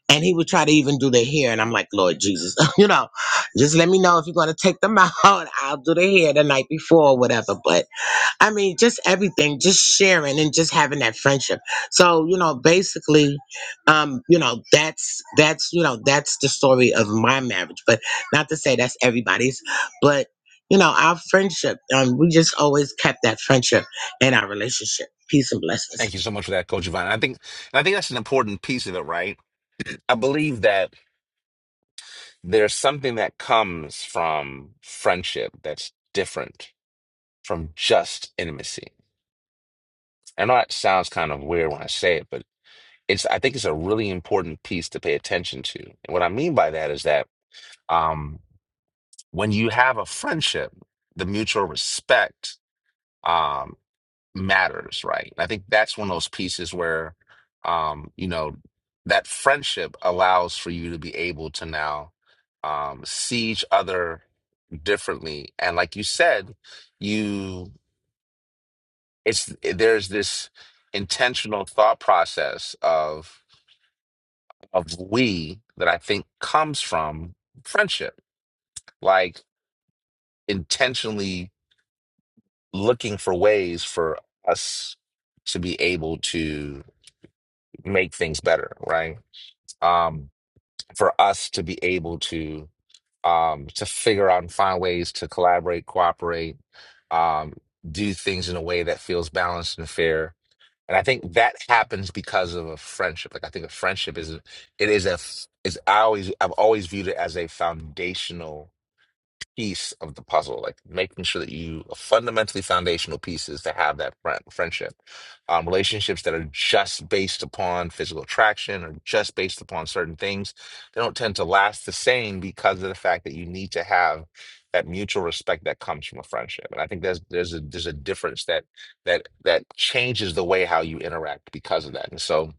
Speaker 12: and he would try to even do their hair, and I'm like, Lord Jesus, you know, just let me know if you're gonna take them out. I'll do their hair the night before or whatever. But I mean, just everything, just sharing and just having that friendship. So, you know, basically, um, you know, that's that's you know, that's the story of my marriage. But not to say that's everybody's, but you know, our friendship, um, we just always kept that friendship in our relationship. Peace and blessings.
Speaker 1: Thank you so much for that, Coach Yvonne. I think and I think that's an important piece of it, right? I believe that there's something that comes from friendship that's different from just intimacy. I know it sounds kind of weird when I say it, but it's I think it's a really important piece to pay attention to. And what I mean by that is that um, when you have a friendship, the mutual respect um, matters, right? I think that's one of those pieces where, um, you know, that friendship allows for you to be able to now um, see each other differently, and like you said, you it's eh, there's this intentional thought process of of we that I think comes from friendship, like intentionally looking for ways for us to be able to make things better, right? Um, for us to be able to um, to figure out and find ways to collaborate, cooperate, um, do things in a way that feels balanced and fair. And I think that happens because of a friendship. Like I think a friendship is it is a is I always I've always viewed it as a foundational piece of the puzzle, like making sure that you a fundamentally foundational piece is to have that friend, friendship. Um, relationships that are just based upon physical attraction or just based upon certain things, they don't tend to last the same because of the fact that you need to have that mutual respect that comes from a friendship. And I think there's there's a there's a difference that that that changes the way how you interact because of that. And so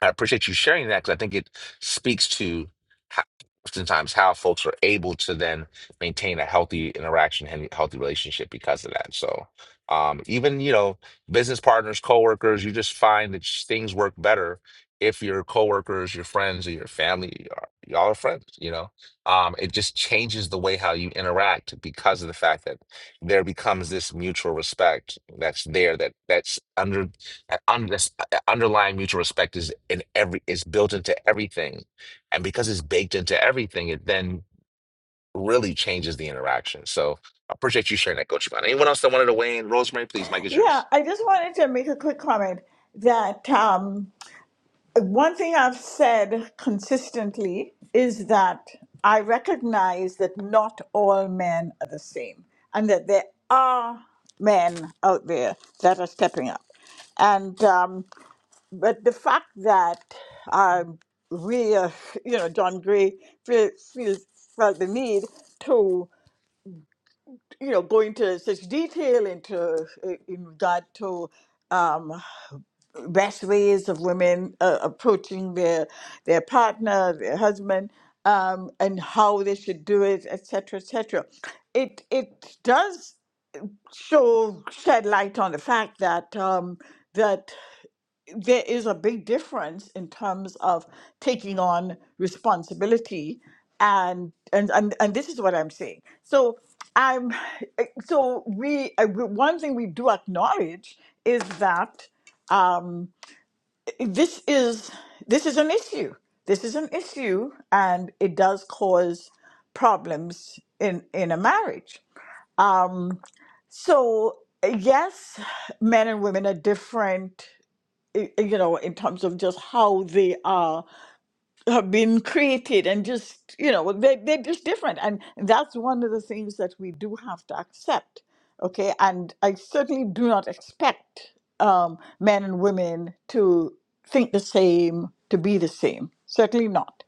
Speaker 1: I appreciate you sharing that because I think it speaks to how, oftentimes how folks are able to then maintain a healthy interaction and healthy relationship because of that. So, um, even you know, business partners, coworkers, you just find that sh- things work better if your coworkers, your friends, or your family are y'all are friends. You know, um, it just changes the way how you interact because of the fact that there becomes this mutual respect that's there that that's under that un, that's underlying mutual respect is in every is built into everything and because it's baked into everything it then really changes the interaction so i appreciate you sharing that coach Yvonne. anyone else that wanted to weigh in rosemary please mike is
Speaker 7: Yeah,
Speaker 1: yours
Speaker 7: I just wanted to make a quick comment that um, one thing I've said consistently is that I recognize that not all men are the same and that there are men out there that are stepping up. And um, but the fact that um, we, uh, you know, John Gray feel, feel, felt the need to, you know, go into such detail into uh, in regard to um, bachelors of women uh, approaching their their partner, their husband, um, and how they should do it, etc., etc. It it does show shed light on the fact that um, that there is a big difference in terms of taking on responsibility, and and and, and this is what I'm saying. So. I'm so we uh, one thing we do acknowledge is that Um, this is this is an issue. This is an issue, and it does cause problems in in a marriage. Um, so yes, men and women are different, i- you know, in terms of just how they are have been created and just you know they, they're just different and that's one of the things that we do have to accept okay and i certainly do not expect um, men and women to think the same to be the same certainly not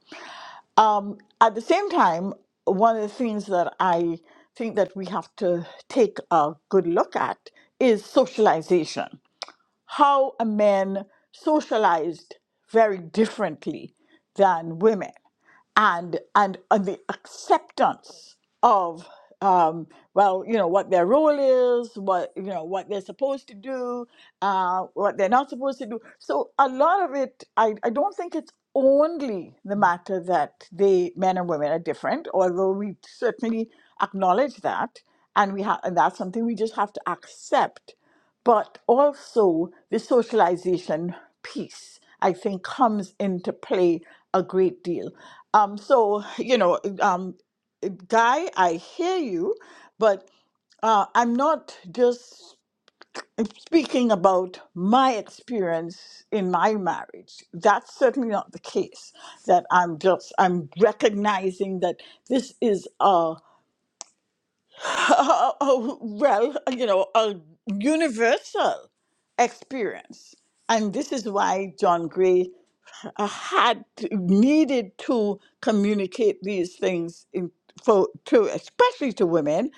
Speaker 7: um, at the same time one of the things that i think that we have to take a good look at is socialization how men socialized very differently than women and and, and the acceptance of um, well you know what their role is what you know what they're supposed to do uh, what they're not supposed to do so a lot of it I, I don't think it's only the matter that the men and women are different although we certainly acknowledge that and we have and that's something we just have to accept but also the socialization piece, I think, comes into play a great deal. Um, so, you know, um, Guy, I hear you, but uh, I'm not just speaking about my experience in my marriage. That's certainly not the case. That I'm just I'm recognizing that this is a Uh, oh, well, you know, a universal experience. And this is why John Gray uh, had to- needed to communicate these things in, for to especially to women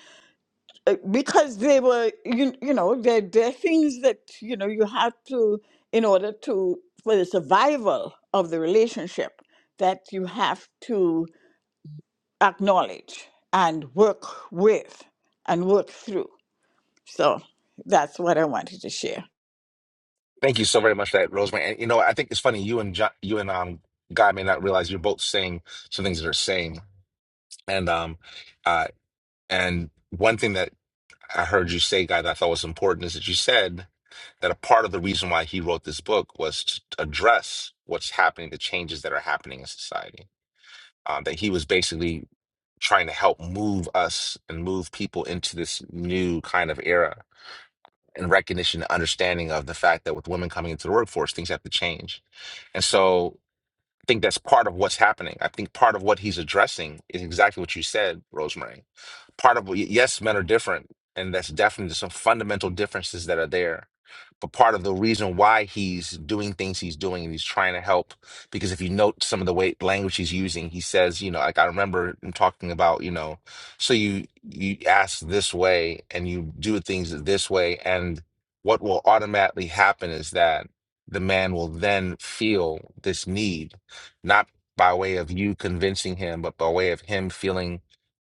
Speaker 7: uh, because they were you, you know they're, they're things that you know you have to in order to for the survival of the relationship that you have to acknowledge and work with and work through so that's what I wanted to share.
Speaker 1: thank you so very much for that rosemary and you know i think it's funny you and John, you and um guy may not realize you're both saying some things that are same and um uh and one thing that i heard you say guy that i thought was important is that you said that a part of the reason why he wrote this book was to address what's happening, the changes that are happening in society. Um, that he was basically trying to help move us and move people into this new kind of era and recognition and understanding of the fact that with women coming into the workforce, things have to change. And so I think that's part of what's happening. I think part of what he's addressing is exactly what you said, Rosemary part of yes, men are different, and that's definitely some fundamental differences that are there. But part of the reason why he's doing things he's doing and he's trying to help, because if you note some of the way language he's using, he says, you know, like I remember him talking about, you know, so you you ask this way and you do things this way, and what will automatically happen is that the man will then feel this need, not by way of you convincing him, but by way of him feeling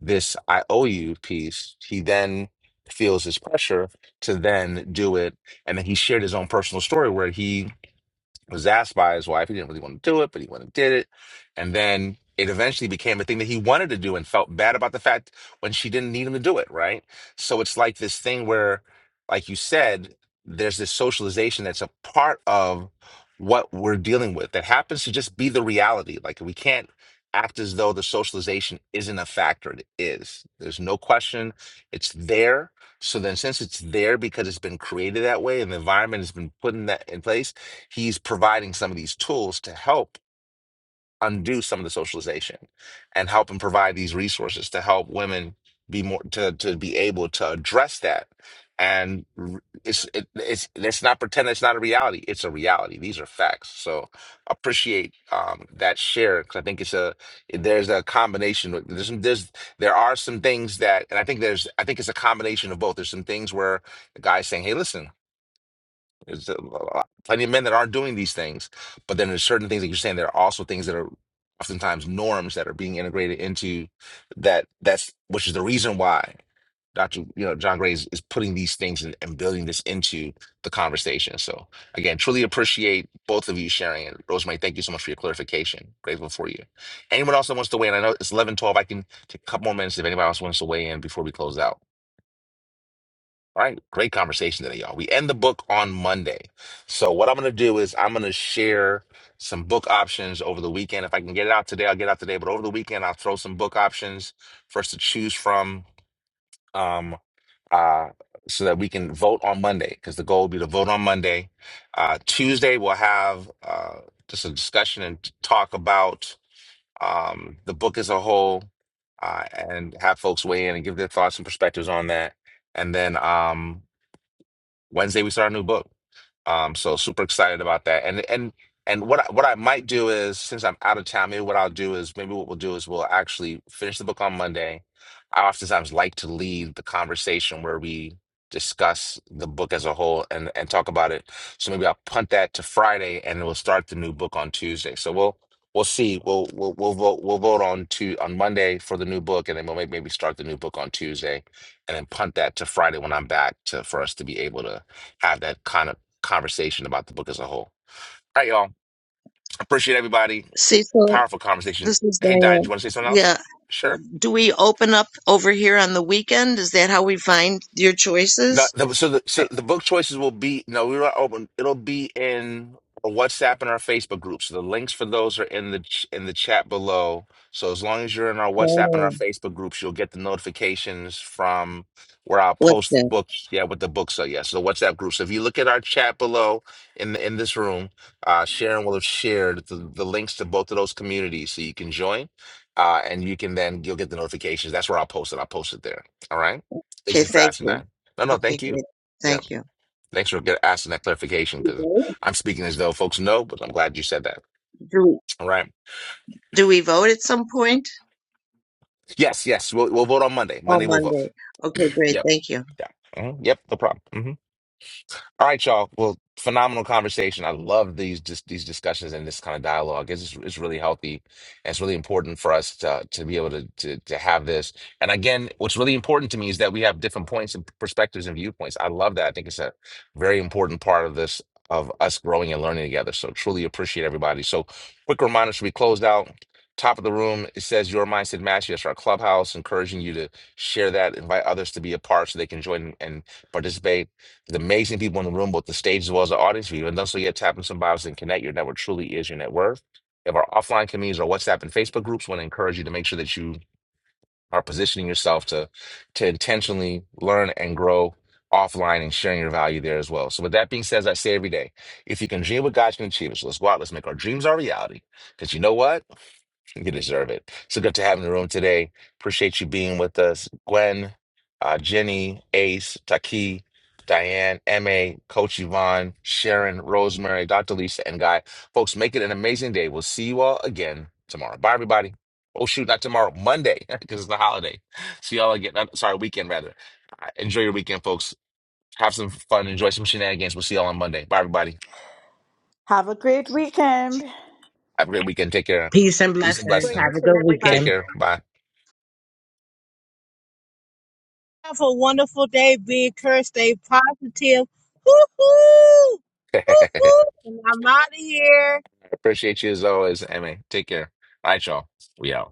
Speaker 1: this I owe you piece, he then feels this pressure to then do it. And then he shared his own personal story where he was asked by his wife. He didn't really want to do it, but he went and did it. And then it eventually became a thing that he wanted to do and felt bad about the fact when she didn't need him to do it, right? So it's like this thing where, like you said, there's this socialization that's a part of what we're dealing with that happens to just be the reality. Like we can't act as though the socialization isn't a factor. It is. There's no question. It's there. So then since it's there because it's been created that way and the environment has been put in that in place, he's providing some of these tools to help undo some of the socialization and help and provide these resources to help women be more to, to be able to address that and r- it's it, it's let's not pretend it's not a reality it's a reality these are facts so appreciate um that share because i think it's a there's a combination of- there's some there's there are some things that and i think there's i think it's a combination of both there's some things where the guy's saying hey listen there's a lot- plenty of men that aren't doing these things, but then there's certain things that you're saying. There are also things that are oftentimes norms that are being integrated into that. That's which is the reason why Dr. You know John Gray is, is putting these things and, and building this into the conversation. So again, truly appreciate both of you sharing. And Rosemary, thank you so much for your clarification. Grateful for you. Anyone else that wants to weigh in? I know it's 11 12. I can take a couple more minutes if anybody else wants to weigh in before we close out. All right, great conversation today, y'all. We end the book on Monday. So what I'm gonna do is I'm gonna share some book options over the weekend. If I can get it out today, I'll get it out today. But over the weekend, I'll throw some book options for us to choose from, um, uh, so that we can vote on Monday. Because the goal will be to vote on Monday. Uh, Tuesday we'll have uh, just a discussion and talk about um, the book as a whole, uh, and have folks weigh in and give their thoughts and perspectives on that. And then um, Wednesday we start a new book. Um, so super excited about that. And and and what I, what I might do is since I'm out of town, maybe what I'll do is maybe what we'll do is we'll actually finish the book on Monday. I oftentimes like to lead the conversation where we discuss the book as a whole and and talk about it. So maybe I'll punt that to Friday and we'll start the new book on Tuesday. So we'll we'll see. We'll we'll we'll vote we'll vote on to on Monday for the new book and then we'll maybe maybe start the new book on Tuesday and then punt that to Friday when I'm back to for us to be able to have that kind of conversation about the book as a whole. All right, y'all. Appreciate everybody.
Speaker 11: Cecil,
Speaker 1: Powerful conversation.
Speaker 11: this is
Speaker 1: Hey, Diane, do you
Speaker 11: Diane.
Speaker 1: want to say something else?
Speaker 11: Yeah.
Speaker 1: Sure.
Speaker 11: Do we open up over here on the weekend? Is that how we find your
Speaker 1: No,
Speaker 11: choices?
Speaker 1: the, so the so
Speaker 11: I-
Speaker 1: the book choices will be no, we're not open. It'll be in our WhatsApp and our Facebook group. So the links for those are in the ch- in the chat below. So as long as you're in our WhatsApp and our
Speaker 11: Oh,
Speaker 1: Facebook groups, you'll get the notifications from where I'll
Speaker 11: what's
Speaker 1: post the
Speaker 11: that?
Speaker 1: books. Yeah, with the books are. Yeah, so the WhatsApp group. So if you look at our chat below in the, in this room, uh, Sharon will have shared the, the links to both of those communities, so you can join, uh, and you can then you'll get the notifications. That's where I'll post it. I'll post it there. All right. Thank
Speaker 11: Okay,
Speaker 1: you for
Speaker 11: thank
Speaker 1: asking
Speaker 11: you.
Speaker 1: that. No, no,
Speaker 11: Okay,
Speaker 1: thank you.
Speaker 11: great.
Speaker 1: Yeah,
Speaker 11: Thank you.
Speaker 1: thanks for get- asking that clarification because
Speaker 11: Do
Speaker 1: I'm speaking as though folks know, but I'm glad you said that.
Speaker 11: we,
Speaker 1: All right.
Speaker 11: do we vote at some point?
Speaker 1: Yes, yes, we'll we'll vote on Monday.
Speaker 11: Oh,
Speaker 1: Monday we'll vote.
Speaker 11: Monday. Okay, great.
Speaker 1: Yep.
Speaker 11: Thank you.
Speaker 1: Yeah. Mhm. Yep. No problem. mm-hmm. All right, y'all. Well, phenomenal conversation. I love these just these discussions and this kind of dialogue. It's it's really healthy. And it's really important for us to to be able to, to to have this. And again, what's really important to me is that we have different points and perspectives and viewpoints. I love that. I think it's a very important part of this of us growing and learning together. So truly appreciate everybody. So quick reminder should we closed out. Top of the room, it says your mindset mastery. That's our clubhouse, encouraging you to share that, invite others to be a part so they can join and participate. There's amazing people in the room, both the stage as well as the audience. If you haven't done so yet, tap on some bios and connect. Your network truly is your net worth. We have our offline communities, our WhatsApp and Facebook groups. want to encourage you to make sure that you are positioning yourself to to intentionally learn and grow offline and sharing your value there as well. So with that being said, as I say every day, if you can dream what God can achieve it, so let's go out, let's make our dreams our reality. Because you know what? You deserve it. So good to have you in the room today. Appreciate you being with us. Gwen, uh, Jenny, Ace, Taki, Diane, MA, Coach Yvonne, Sharon, Rosemary, Dr. Lisa, and Guy. Folks, make it an amazing day. We'll see you all again tomorrow. Bye, everybody. Oh, shoot, not tomorrow, Monday, because it's the holiday. See y'all again. uh, Sorry, weekend, rather. Uh, Enjoy your weekend, folks. Have some fun. Enjoy some shenanigans. We'll see y'all on Monday. Bye, everybody.
Speaker 7: Have a great weekend.
Speaker 1: Have a great weekend. Take care.
Speaker 12: Peace and
Speaker 1: Peace and
Speaker 12: blessings.
Speaker 13: Great
Speaker 12: Have a
Speaker 1: blessings.
Speaker 13: weekend,
Speaker 12: good
Speaker 13: everybody.
Speaker 12: weekend.
Speaker 1: Take care. Bye.
Speaker 3: Have a wonderful day. Be encouraged. Stay positive. Hoo hoo, hoo hoo, and I'm out of here.
Speaker 1: appreciate you as always, Amy. Take care. All right, y'all. We out.